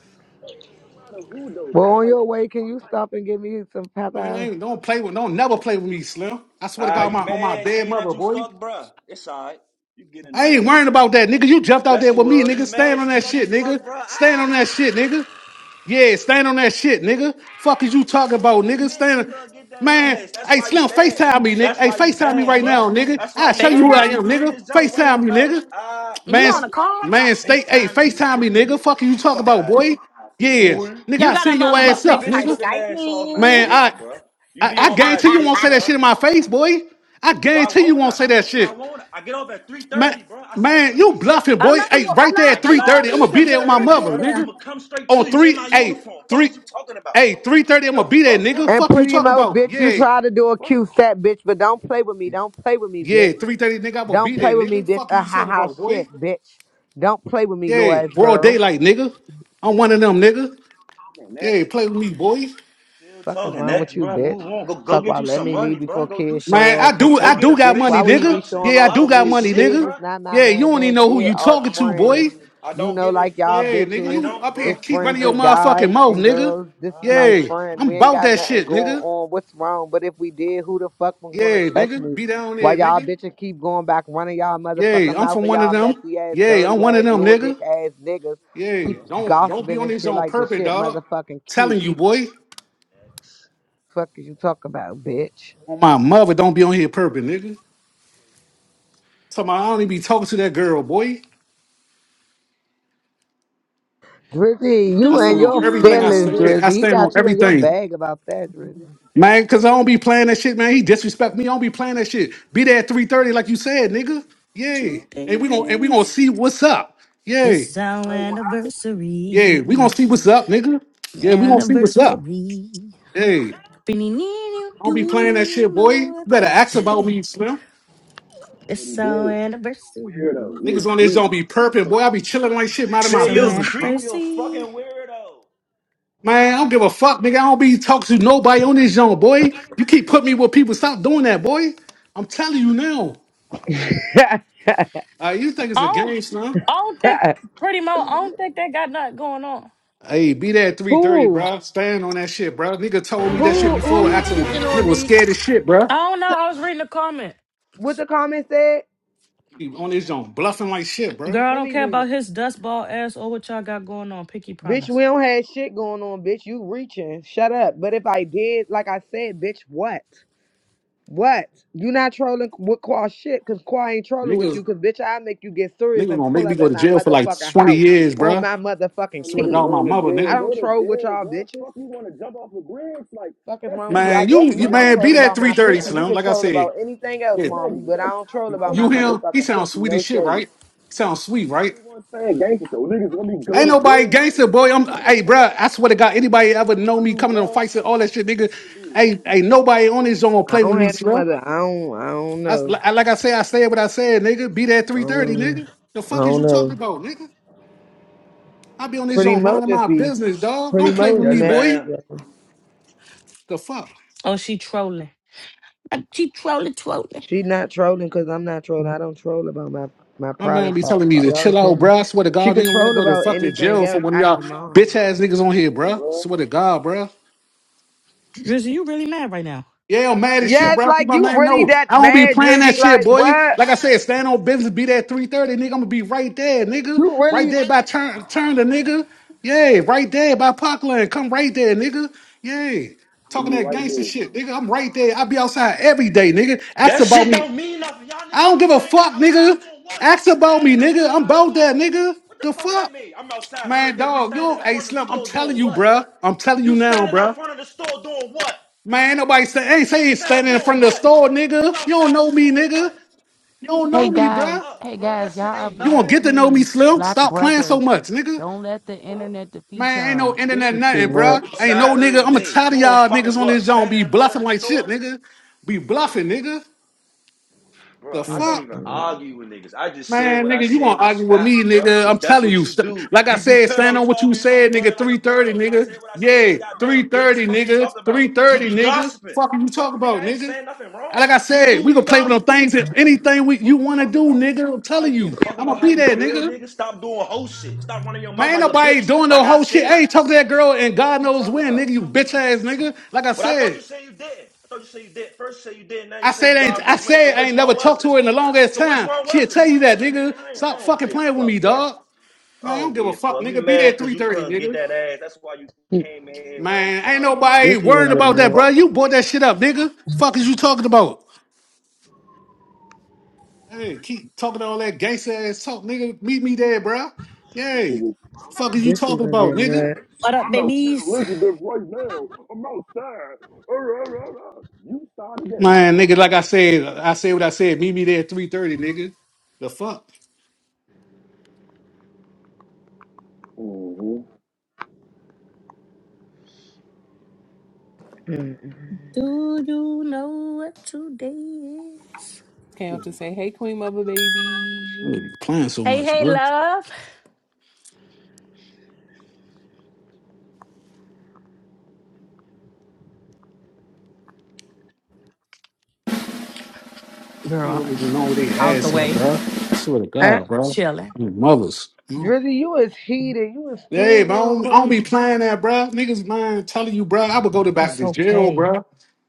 Speaker 5: out of who though,
Speaker 7: Well,
Speaker 5: bro?
Speaker 7: on
Speaker 5: Like
Speaker 7: your way, can you stop and give me some
Speaker 8: Man, I
Speaker 7: Popeyes?
Speaker 8: ain't, don't play with, don't never play with me, Slim. I swear to
Speaker 5: Ah,
Speaker 8: God, on
Speaker 5: you
Speaker 8: my on my
Speaker 5: mad she
Speaker 8: dead
Speaker 5: ain't
Speaker 8: mother,
Speaker 5: let you
Speaker 8: boy.
Speaker 5: fuck, bruh? It's alright. You get
Speaker 8: I
Speaker 5: another
Speaker 8: ain't
Speaker 5: one.
Speaker 8: worrying about that, nigga. You jumped out
Speaker 5: Yes,
Speaker 8: there
Speaker 5: she
Speaker 8: with me,
Speaker 5: was.
Speaker 8: nigga.
Speaker 5: You
Speaker 8: Stand
Speaker 5: mad
Speaker 8: on
Speaker 5: she ain't
Speaker 8: that
Speaker 5: let you
Speaker 8: shit,
Speaker 5: fuck,
Speaker 8: nigga.
Speaker 5: bruh?
Speaker 8: Stand on that shit, nigga.
Speaker 5: Ah,
Speaker 8: Yeah, stand on that shit, nigga. Fuck is you
Speaker 5: you
Speaker 8: talking
Speaker 5: mad
Speaker 8: about,
Speaker 5: as
Speaker 8: nigga?
Speaker 5: shit. You
Speaker 8: Stand,
Speaker 5: couldn't get that
Speaker 8: man.
Speaker 5: ass. That's
Speaker 8: Hey,
Speaker 5: why you
Speaker 8: Slim,
Speaker 5: mad.
Speaker 8: Facetime me, nigga.
Speaker 5: That's
Speaker 8: Hey,
Speaker 5: why you
Speaker 8: Facetime me
Speaker 5: mad,
Speaker 8: right
Speaker 5: bruh.
Speaker 8: now, nigga.
Speaker 5: That's why
Speaker 8: I
Speaker 5: you
Speaker 8: show you who
Speaker 5: mad,
Speaker 8: I
Speaker 5: cause
Speaker 1: FaceTime?
Speaker 5: you
Speaker 8: am,
Speaker 5: be in
Speaker 8: nigga.
Speaker 5: this joke running
Speaker 8: Facetime
Speaker 5: your
Speaker 8: me,
Speaker 5: mouth.
Speaker 8: nigga.
Speaker 5: Ah,
Speaker 1: We
Speaker 8: Man,
Speaker 5: fuck
Speaker 1: on
Speaker 5: up.
Speaker 1: a
Speaker 8: s-
Speaker 5: I don't
Speaker 1: call?
Speaker 5: want
Speaker 8: man,
Speaker 5: my
Speaker 8: stay. Hey,
Speaker 5: FaceTiming you.
Speaker 8: Facetime
Speaker 5: The,
Speaker 8: me, nigga. Fuck you
Speaker 5: the
Speaker 8: talking
Speaker 5: fuck
Speaker 8: about,
Speaker 5: out of
Speaker 8: boy?
Speaker 5: here,
Speaker 8: Yeah,
Speaker 5: boy.
Speaker 8: nigga.
Speaker 1: You
Speaker 8: I
Speaker 1: got
Speaker 8: send
Speaker 1: a
Speaker 8: your
Speaker 5: Get
Speaker 1: um,
Speaker 5: your
Speaker 1: but
Speaker 8: ass up,
Speaker 5: fish
Speaker 1: FaceTime
Speaker 8: nigga.
Speaker 5: looking
Speaker 1: Skype
Speaker 5: ass off my
Speaker 8: Man,
Speaker 1: me.
Speaker 8: I,
Speaker 5: dick, bruh. You
Speaker 8: I
Speaker 5: be
Speaker 8: I
Speaker 5: on my
Speaker 8: guarantee you
Speaker 1: I
Speaker 5: dick,
Speaker 8: won't say that
Speaker 5: bruh.
Speaker 8: shit in my face, boy. I
Speaker 5: Why
Speaker 8: guarantee you
Speaker 5: won't
Speaker 8: won't
Speaker 5: I?
Speaker 8: say that
Speaker 5: Why
Speaker 8: shit.
Speaker 5: won't I? I get up at
Speaker 8: Man,
Speaker 5: 3.30, bruh. I said I'm
Speaker 8: man,
Speaker 5: gonna
Speaker 8: you
Speaker 5: meet you.
Speaker 8: bluffing, boy.
Speaker 1: love a
Speaker 8: Hey,
Speaker 1: little, I
Speaker 8: right there
Speaker 1: love
Speaker 5: I
Speaker 8: at
Speaker 1: I
Speaker 5: get
Speaker 8: 3:30,
Speaker 5: off
Speaker 1: love
Speaker 8: I'm
Speaker 1: me
Speaker 5: at
Speaker 8: gonna
Speaker 1: some
Speaker 8: be
Speaker 1: little
Speaker 8: there with my
Speaker 1: nit
Speaker 5: 3.30,
Speaker 1: nit
Speaker 8: mother,
Speaker 5: bro.
Speaker 1: now.
Speaker 8: nigga.
Speaker 5: I'ma come straight to
Speaker 8: On
Speaker 5: you in
Speaker 8: three,
Speaker 5: my
Speaker 8: hey,
Speaker 5: uniform. Fuck
Speaker 8: three,
Speaker 5: is you talking about?
Speaker 8: hey, 3:30, I'm
Speaker 5: The
Speaker 8: gonna be there,
Speaker 5: fuck, bro?
Speaker 8: nigga.
Speaker 7: And
Speaker 8: Fuck you
Speaker 7: pretty
Speaker 8: talk
Speaker 7: mo,
Speaker 8: about.
Speaker 7: bitch, you
Speaker 8: Yeah,
Speaker 7: try to do a
Speaker 5: Fuck.
Speaker 7: cute fat bitch, but don't play with me. Don't play with me, bitch.
Speaker 8: yeah, 3:30, nigga. I'm gonna
Speaker 7: Don't
Speaker 8: be there,
Speaker 7: play with me,
Speaker 8: nigga.
Speaker 7: bitch.
Speaker 8: Fuck
Speaker 7: Ah
Speaker 8: you
Speaker 7: ha
Speaker 8: talking
Speaker 7: ha
Speaker 8: about, boy.
Speaker 7: shit, bitch. Don't play with me, little
Speaker 8: Yeah,
Speaker 7: ass
Speaker 8: broad
Speaker 7: girl.
Speaker 8: daylight, nigga. I'm one of them, nigga.
Speaker 5: And that
Speaker 8: Yeah, play with me, boy.
Speaker 5: Still
Speaker 7: Fuck is
Speaker 5: talking
Speaker 7: wrong
Speaker 5: next,
Speaker 7: with you,
Speaker 5: bro?
Speaker 7: bitch?
Speaker 5: Move on. Go go
Speaker 7: Talk
Speaker 5: get you
Speaker 7: about let
Speaker 5: some
Speaker 7: me
Speaker 5: money,
Speaker 7: leave
Speaker 5: bro.
Speaker 7: before
Speaker 5: Go do
Speaker 7: kids show
Speaker 5: something.
Speaker 8: Man, I
Speaker 7: off for
Speaker 8: do
Speaker 5: Go
Speaker 8: I
Speaker 5: get a
Speaker 8: do
Speaker 7: Kwani.
Speaker 8: got
Speaker 7: Bitch,
Speaker 5: face
Speaker 7: why
Speaker 8: money,
Speaker 7: would he be
Speaker 8: nigga.
Speaker 5: restructuring.
Speaker 7: showing
Speaker 5: You
Speaker 8: Yeah, I
Speaker 7: off
Speaker 8: do
Speaker 7: for
Speaker 5: ugly
Speaker 8: got
Speaker 5: as
Speaker 7: me?
Speaker 8: money,
Speaker 5: shit,
Speaker 7: Kid
Speaker 8: nigga.
Speaker 7: is
Speaker 5: bro.
Speaker 7: not my
Speaker 8: Yeah, you
Speaker 7: man,
Speaker 8: don't
Speaker 7: man.
Speaker 8: even know who
Speaker 7: Kid
Speaker 8: you
Speaker 7: are
Speaker 8: talking to,
Speaker 7: friends.
Speaker 8: boy.
Speaker 5: I
Speaker 7: You
Speaker 5: don't
Speaker 7: know,
Speaker 5: give a
Speaker 7: like y'all
Speaker 5: fuck.
Speaker 8: Yeah, nigga,
Speaker 5: I
Speaker 7: bitches
Speaker 8: you
Speaker 5: don't,
Speaker 8: up here
Speaker 7: is
Speaker 5: bro.
Speaker 8: keep
Speaker 5: I
Speaker 7: friends
Speaker 8: running your
Speaker 7: with
Speaker 5: don't.
Speaker 7: guys
Speaker 8: motherfucking mouth,
Speaker 7: and
Speaker 8: nigga.
Speaker 7: girls. This
Speaker 5: I
Speaker 7: is
Speaker 5: don't
Speaker 7: my
Speaker 5: give
Speaker 8: Yeah,
Speaker 7: friend.
Speaker 8: I'm
Speaker 7: We ain't
Speaker 8: about
Speaker 7: got
Speaker 8: that
Speaker 7: nothing
Speaker 8: shit,
Speaker 7: going
Speaker 8: nigga.
Speaker 7: on. What's wrong? But if we did, who the fuck was gonna
Speaker 8: Yeah,
Speaker 7: check
Speaker 8: nigga,
Speaker 7: me?
Speaker 8: be down
Speaker 7: Why
Speaker 8: there,
Speaker 7: y'all
Speaker 8: nigga.
Speaker 7: bitches keep going back running y'all
Speaker 8: Yeah,
Speaker 7: motherfucking
Speaker 8: I'm
Speaker 7: mouth
Speaker 8: from
Speaker 7: and
Speaker 8: one of
Speaker 7: y'all
Speaker 8: them.
Speaker 7: messy ass,
Speaker 8: Yeah,
Speaker 7: dirty
Speaker 8: I'm one
Speaker 7: ass,
Speaker 8: of them,
Speaker 7: little
Speaker 8: nigga.
Speaker 7: dick ass niggas
Speaker 8: Yeah,
Speaker 5: a
Speaker 7: keep
Speaker 5: fuck.
Speaker 8: don't don't be
Speaker 7: gossiping
Speaker 8: on
Speaker 7: and
Speaker 8: this
Speaker 7: shit
Speaker 8: on
Speaker 7: like the
Speaker 8: purpose,
Speaker 7: shit
Speaker 8: dog.
Speaker 7: motherfucking cute.
Speaker 8: Telling you, boy.
Speaker 7: Fuck is you talking about, bitch?
Speaker 8: On my mother, don't be on here purpose, nigga. Tell my I don't even be talking to that girl, boy.
Speaker 7: Drizzy, you
Speaker 8: I
Speaker 7: and
Speaker 8: stand
Speaker 1: Do
Speaker 8: on
Speaker 7: your
Speaker 1: you
Speaker 8: everything I
Speaker 7: feelings,
Speaker 1: know what
Speaker 8: said. I
Speaker 7: Drizzy. He
Speaker 8: stand on
Speaker 7: got you in your
Speaker 8: everything.
Speaker 7: bag about that, Drizzy.
Speaker 8: Man, cause I don't be playing that shit, man. He disrespect me. I don't be playing that shit. Be there at 3:30, like you said, nigga. Yeah.
Speaker 1: today
Speaker 8: And we gonna and we gonna
Speaker 1: is?
Speaker 8: see what's up. Yeah.
Speaker 1: It's our
Speaker 5: Nothing gonna happen to me.
Speaker 8: Yeah. We gonna
Speaker 1: anniversary.
Speaker 8: see what's up, nigga. Yeah, we gonna see what's up.
Speaker 1: Anniversary.
Speaker 8: Hey, I
Speaker 1: Be-ne-ne-ne,
Speaker 8: don't be
Speaker 1: Do
Speaker 8: playing that shit,
Speaker 1: you
Speaker 8: boy. You
Speaker 1: know
Speaker 8: better
Speaker 1: what
Speaker 8: ask about
Speaker 1: today?
Speaker 8: me, Slim.
Speaker 5: I
Speaker 1: It's
Speaker 5: already
Speaker 1: our
Speaker 5: did.
Speaker 1: anniversary.
Speaker 5: Weirdo, you
Speaker 8: Niggas
Speaker 5: a
Speaker 8: on this
Speaker 5: creep.
Speaker 8: don't be perping, boy. I be chilling like shit, minding my
Speaker 5: say
Speaker 1: So
Speaker 5: you a
Speaker 8: business,
Speaker 5: creep,
Speaker 8: bro.
Speaker 5: you a fucking
Speaker 1: anniversary.
Speaker 5: weirdo.
Speaker 8: Man, I don't give a fuck, nigga. I don't be talking to nobody on this joint, boy. You keep putting me with people. Stop doing that, boy. I'm telling you now. Uh, you think it's a
Speaker 1: I
Speaker 8: game, Slim?
Speaker 1: I don't think pretty much. I don't think they got nothing going on.
Speaker 8: Hey, be that 330,
Speaker 7: Who?
Speaker 8: bro. Stand on that shit, bro. Nigga told me that shit
Speaker 7: Who who
Speaker 8: before.
Speaker 7: you
Speaker 8: Asking,
Speaker 7: speaking
Speaker 8: nigga
Speaker 7: on,
Speaker 8: was
Speaker 7: Neek?
Speaker 8: scared as shit, bro.
Speaker 1: I don't know. I was reading the comment.
Speaker 7: What the comment said?
Speaker 8: He on his own, bluffing like shit, bro.
Speaker 1: Girl, I
Speaker 7: Let
Speaker 1: don't
Speaker 7: me
Speaker 1: care
Speaker 7: read it.
Speaker 1: about his dust ball ass or what y'all got going on. Pinky
Speaker 7: Bitch,
Speaker 1: promise.
Speaker 7: we don't have shit going on, bitch. You reaching. Shut up. But if I did, like I said, bitch, what? What? You not trolling with Qua shit, cause Qua ain't trolling with you,
Speaker 8: Niggas,
Speaker 7: cause bitch, I make you get serious
Speaker 8: niggas
Speaker 7: and
Speaker 8: gonna
Speaker 7: pull
Speaker 8: make me
Speaker 7: up at
Speaker 8: go to
Speaker 7: my
Speaker 8: jail for like
Speaker 7: motherfucking
Speaker 8: 20
Speaker 7: house
Speaker 8: years,
Speaker 7: on
Speaker 8: bro.
Speaker 7: my motherfucking
Speaker 8: Swear to
Speaker 5: Niggas
Speaker 7: kid.
Speaker 8: God, my
Speaker 5: going to
Speaker 8: mother,
Speaker 5: jail.
Speaker 7: I
Speaker 8: nigga.
Speaker 5: Go
Speaker 7: don't
Speaker 5: to
Speaker 7: troll with
Speaker 5: jail,
Speaker 7: y'all
Speaker 5: bro.
Speaker 7: bitches.
Speaker 5: Fuck, you want to jump off a bridge? Like,
Speaker 7: Fuck is
Speaker 5: that
Speaker 7: wrong with
Speaker 5: shit
Speaker 7: you? I
Speaker 5: don't
Speaker 8: Man, you,
Speaker 5: mean
Speaker 8: you
Speaker 7: definitely don't
Speaker 5: nothing.
Speaker 8: man, be
Speaker 7: troll
Speaker 8: that
Speaker 7: about
Speaker 5: The
Speaker 7: my
Speaker 8: 330,
Speaker 7: pussy.
Speaker 5: fuck?
Speaker 7: We
Speaker 8: Slim.
Speaker 7: can
Speaker 8: Like I
Speaker 7: troll
Speaker 8: said,
Speaker 7: about anything else,
Speaker 8: yeah,
Speaker 5: Man,
Speaker 7: mommy,
Speaker 5: that,
Speaker 7: but I
Speaker 5: that
Speaker 7: don't troll
Speaker 5: top
Speaker 7: about
Speaker 5: Tony
Speaker 7: my
Speaker 8: you
Speaker 5: shit.
Speaker 8: him, he
Speaker 7: motherfucking pussy.
Speaker 8: sounds sweet
Speaker 7: No
Speaker 8: as shit,
Speaker 7: shade.
Speaker 8: right? Sounds sweet, right?
Speaker 5: Only one saying gangster, so niggas want me to go
Speaker 8: Ain't
Speaker 5: to
Speaker 8: nobody
Speaker 5: jail. Like,
Speaker 8: gangster, boy. I'm,
Speaker 5: I give a
Speaker 8: hey,
Speaker 5: fuck if
Speaker 8: bro. I
Speaker 5: do
Speaker 8: swear to God, anybody
Speaker 5: what you
Speaker 8: ever
Speaker 5: want
Speaker 8: know
Speaker 5: to
Speaker 8: me
Speaker 5: do,
Speaker 8: coming in
Speaker 5: bro.
Speaker 8: fights
Speaker 5: What
Speaker 8: and all that shit,
Speaker 5: you
Speaker 8: nigga?
Speaker 5: want to do,
Speaker 8: Ain't, ain't nobody on his own
Speaker 7: I
Speaker 8: play
Speaker 5: bro?
Speaker 8: with
Speaker 7: don't
Speaker 8: me,
Speaker 7: have no
Speaker 8: Slim.
Speaker 7: mother. I don't. I don't
Speaker 8: I, s-
Speaker 7: know.
Speaker 8: li- like I say, I said what I said, nigga. Be there at
Speaker 7: I
Speaker 8: three thirty,
Speaker 7: don't.
Speaker 8: nigga. The
Speaker 7: I
Speaker 8: fuck is
Speaker 7: don't
Speaker 8: you talking
Speaker 7: know.
Speaker 8: about, nigga? I be on
Speaker 5: Yes,
Speaker 8: this
Speaker 7: Pretty
Speaker 8: joint
Speaker 7: much
Speaker 8: minding
Speaker 7: just
Speaker 8: my
Speaker 7: be.
Speaker 8: business, dog.
Speaker 7: Pretty
Speaker 8: Don't
Speaker 5: sir.
Speaker 8: play
Speaker 7: much
Speaker 8: with
Speaker 5: Yes,
Speaker 8: me,
Speaker 7: messy.
Speaker 8: boy.
Speaker 5: ma'am.
Speaker 7: yo.
Speaker 8: The fuck?
Speaker 1: Oh, she trolling. Uh, She trolling, trolling.
Speaker 7: She not trolling because I'm not trolling. I don't troll about my my
Speaker 8: My man
Speaker 7: private
Speaker 8: be
Speaker 7: parts.
Speaker 8: telling me
Speaker 7: Are
Speaker 8: to
Speaker 7: y'all
Speaker 8: chill
Speaker 7: okay?
Speaker 8: out, bruh. I swear to
Speaker 7: She
Speaker 8: God,
Speaker 7: could
Speaker 8: nigga, when I
Speaker 7: troll
Speaker 8: go to
Speaker 7: about
Speaker 8: fucking
Speaker 7: anything
Speaker 8: jail for
Speaker 7: else.
Speaker 8: one of
Speaker 7: I
Speaker 8: y'all
Speaker 7: don't
Speaker 8: bitch
Speaker 7: mind.
Speaker 8: ass niggas on here,
Speaker 5: Yeah,
Speaker 8: bruh.
Speaker 5: bro.
Speaker 8: Swear to God, bruh.
Speaker 1: Drizzy, you really mad right now?
Speaker 8: Yeah, I'm mad as shit,
Speaker 7: Yes,
Speaker 8: bro. Keep
Speaker 7: like
Speaker 8: my
Speaker 7: you
Speaker 8: man
Speaker 7: really
Speaker 8: know.
Speaker 7: that
Speaker 8: I don't be
Speaker 7: mad,
Speaker 8: playing that
Speaker 7: Drizzy?
Speaker 8: shit,
Speaker 7: Like
Speaker 8: boy.
Speaker 7: what?
Speaker 8: Like I said, stand on business, be that 330, nigga. I'm gonna be right there, nigga.
Speaker 7: You
Speaker 8: Right
Speaker 7: really?
Speaker 8: there by turn turn the nigga. Yeah, right there by Parkland. Come right there, nigga. Yeah. Talking that gangster shit, nigga. I'm right there. I be outside every day, nigga. Ask
Speaker 5: That
Speaker 8: about
Speaker 5: shit
Speaker 8: me.
Speaker 5: don't mean nothing. Y'all
Speaker 8: I
Speaker 5: niggas
Speaker 8: don't
Speaker 5: keep
Speaker 8: give a
Speaker 5: saying y'all
Speaker 8: fuck, nigga.
Speaker 5: outside doing what?
Speaker 8: Ask about me,
Speaker 5: Standing
Speaker 8: nigga.
Speaker 5: outside
Speaker 8: I'm
Speaker 5: by a
Speaker 8: about
Speaker 5: store?
Speaker 8: that, nigga.
Speaker 5: What the
Speaker 8: The
Speaker 5: fuck that
Speaker 8: fuck?
Speaker 5: mean? I'm outside every
Speaker 8: Man,
Speaker 5: day. You
Speaker 8: dog, you
Speaker 5: standing in
Speaker 8: don't, hey,
Speaker 5: front of the
Speaker 8: Slim, I'm
Speaker 5: store
Speaker 8: telling
Speaker 5: doing
Speaker 8: you,
Speaker 5: what?
Speaker 8: bruh. I'm telling you
Speaker 5: You
Speaker 8: now,
Speaker 5: standing out
Speaker 8: bruh.
Speaker 5: front of the store doing what?
Speaker 8: Man, nobody sta- ain't
Speaker 5: You
Speaker 8: say he's
Speaker 5: outside
Speaker 8: standing in
Speaker 5: doing
Speaker 8: front of the
Speaker 5: what?
Speaker 8: store, nigga.
Speaker 5: You
Speaker 8: You don't
Speaker 5: outside
Speaker 8: know me,
Speaker 5: doing
Speaker 8: nigga.
Speaker 5: what?
Speaker 8: You don't
Speaker 5: Shut
Speaker 6: Hey
Speaker 8: know
Speaker 5: the
Speaker 8: me,
Speaker 5: fuck
Speaker 6: guys,
Speaker 8: bruh.
Speaker 5: up,
Speaker 6: hey
Speaker 5: bro. That
Speaker 6: guys, y'all
Speaker 5: shit
Speaker 6: are
Speaker 5: ain't
Speaker 8: You
Speaker 6: black
Speaker 8: gonna
Speaker 5: nothing.
Speaker 8: get to know me,
Speaker 6: kings,
Speaker 8: Slim.
Speaker 6: black
Speaker 8: Stop playing so
Speaker 6: brothers.
Speaker 8: much, nigga.
Speaker 6: Don't let the
Speaker 5: Fuck.
Speaker 6: internet defeat
Speaker 8: Man, ain't
Speaker 6: y'all.
Speaker 8: no
Speaker 7: This
Speaker 5: Nigga
Speaker 8: internet
Speaker 7: is too
Speaker 8: nothing,
Speaker 7: much.
Speaker 8: bruh. Ain't no
Speaker 5: outside every
Speaker 8: nigga. I'ma
Speaker 5: day
Speaker 8: tired of
Speaker 5: doing
Speaker 8: y'all
Speaker 5: fucking
Speaker 8: niggas on
Speaker 5: what?
Speaker 8: this joint
Speaker 5: Standing
Speaker 8: be
Speaker 5: in front of
Speaker 8: bluffing
Speaker 5: the
Speaker 8: like shit,
Speaker 5: store?
Speaker 8: nigga. Be bluffing, nigga. The
Speaker 5: Bro, I
Speaker 7: Mm.
Speaker 5: don't
Speaker 8: fuck?
Speaker 5: even argue with niggas. I just said
Speaker 8: Man,
Speaker 5: what I
Speaker 8: nigga, you gonna
Speaker 5: said was
Speaker 8: argue with
Speaker 5: facts,
Speaker 8: me,
Speaker 5: bro.
Speaker 8: nigga? I'm
Speaker 5: Cause that's
Speaker 8: telling
Speaker 5: what
Speaker 8: you.
Speaker 5: you
Speaker 8: st-
Speaker 5: do.
Speaker 8: Like I
Speaker 5: You be
Speaker 8: said,
Speaker 5: pillow
Speaker 8: stand on what you
Speaker 5: talking,
Speaker 8: said,
Speaker 5: running
Speaker 8: nigga.
Speaker 5: like
Speaker 8: Three
Speaker 5: a
Speaker 8: thirty,
Speaker 5: girl. So I said
Speaker 8: nigga.
Speaker 5: what I said. You
Speaker 8: Yeah,
Speaker 5: got
Speaker 8: three
Speaker 5: mad, bitch.
Speaker 8: thirty,
Speaker 5: Fuck you
Speaker 8: nigga.
Speaker 5: talking about.
Speaker 8: Three
Speaker 5: You
Speaker 8: thirty,
Speaker 5: be
Speaker 8: nigga.
Speaker 5: gossiping.
Speaker 8: Fuck you
Speaker 5: Fuck,
Speaker 8: talk
Speaker 5: nigga,
Speaker 8: about,
Speaker 5: I ain't
Speaker 8: nigga.
Speaker 5: saying nothing
Speaker 8: And
Speaker 5: wrong.
Speaker 8: Like I
Speaker 5: You
Speaker 8: said,
Speaker 5: do
Speaker 8: we
Speaker 5: be
Speaker 8: gonna play with them
Speaker 5: gossiping.
Speaker 8: things and anything we you
Speaker 5: Fuck you
Speaker 8: wanna
Speaker 5: talking
Speaker 8: do,
Speaker 5: about?
Speaker 8: nigga. I'm
Speaker 5: Why I
Speaker 8: telling
Speaker 5: give a
Speaker 8: you,
Speaker 5: fuck
Speaker 8: I'ma
Speaker 5: about how
Speaker 8: be
Speaker 5: you
Speaker 8: there,
Speaker 5: feel,
Speaker 8: nigga.
Speaker 5: nigga? Stop doing whole shit. Stop running your
Speaker 8: Man,
Speaker 5: mouth
Speaker 8: ain't
Speaker 5: like a
Speaker 8: nobody
Speaker 5: bitch.
Speaker 8: doing no
Speaker 5: Like I
Speaker 8: whole shit. I
Speaker 5: said.
Speaker 8: ain't talk to that girl and
Speaker 5: Fuck
Speaker 8: God
Speaker 5: you
Speaker 8: knows
Speaker 5: talking
Speaker 8: when,
Speaker 5: about?
Speaker 8: nigga. You bitch ass, nigga. Like I
Speaker 5: But I thought you
Speaker 8: said.
Speaker 5: said you didn't. I thought you said you did. First you said you did, not now you
Speaker 8: I
Speaker 5: say
Speaker 8: said
Speaker 5: you
Speaker 8: I ain't I
Speaker 5: Gosmos went. So
Speaker 8: said I
Speaker 5: which
Speaker 8: ain't
Speaker 5: one
Speaker 8: never
Speaker 5: was
Speaker 8: talked
Speaker 5: it?
Speaker 8: to her in the longest
Speaker 5: So which
Speaker 8: time.
Speaker 5: one
Speaker 8: She'll
Speaker 5: was it?
Speaker 8: tell you that,
Speaker 5: Man,
Speaker 8: nigga.
Speaker 5: I, ain't, I
Speaker 8: Stop
Speaker 5: don't
Speaker 8: fucking
Speaker 5: give a
Speaker 8: playing with
Speaker 5: fuck,
Speaker 8: me,
Speaker 5: bro.
Speaker 8: dog.
Speaker 5: I
Speaker 8: Man, I don't
Speaker 5: don't
Speaker 8: give a
Speaker 5: give a
Speaker 8: fuck,
Speaker 5: fuck. You
Speaker 8: nigga. Be there
Speaker 5: mad
Speaker 8: at
Speaker 5: because you
Speaker 8: 3.30,
Speaker 5: couldn't get
Speaker 8: nigga.
Speaker 5: that ass. That's why you came in here one,
Speaker 8: Man, ain't
Speaker 5: one, one
Speaker 7: This
Speaker 8: nobody
Speaker 7: is
Speaker 5: dick
Speaker 7: gonna
Speaker 8: worrying
Speaker 7: be
Speaker 5: ride.
Speaker 7: a
Speaker 5: What
Speaker 8: about
Speaker 5: The
Speaker 8: that, bro.
Speaker 5: fuck
Speaker 8: You
Speaker 5: on.
Speaker 8: bought that shit up, nigga. Fuck is you talking about? Hey, keep talking all that gangster ass talk, nigga. Meet me there, bro. Yay. Fuck is you
Speaker 7: This is
Speaker 8: talking
Speaker 7: gonna be a
Speaker 8: about, nigga?
Speaker 1: What up,
Speaker 5: I'm out St.
Speaker 1: babies?
Speaker 5: Elizabeth right now. I'm outside. You started that.
Speaker 8: Man, nigga, like I said, I said what I said. Meet me there at 3.30, nigga. The fuck?
Speaker 5: Mm-hmm.
Speaker 7: Mm-mm.
Speaker 1: Do you know what today is?
Speaker 11: Cam to say, "Hey, Queen Mother, baby."
Speaker 8: Nigga, playing so
Speaker 1: Hey,
Speaker 8: much,
Speaker 1: hey,
Speaker 8: bro.
Speaker 1: love.
Speaker 8: You
Speaker 1: Girl,
Speaker 8: don't even know where they
Speaker 1: out the
Speaker 8: ass at,
Speaker 1: way,
Speaker 8: bro. Swear to
Speaker 7: I,
Speaker 8: God, bro.
Speaker 1: chilling.
Speaker 8: Your Mothers.
Speaker 7: Drizzy, you is heated. You is
Speaker 8: Hey,
Speaker 7: still
Speaker 8: but I
Speaker 7: going
Speaker 8: don't, I don't
Speaker 7: crazy.
Speaker 8: be playing that, bruh. Niggas mind telling you, bruh, I would go to back
Speaker 1: It's
Speaker 8: to jail,
Speaker 1: okay.
Speaker 8: bruh.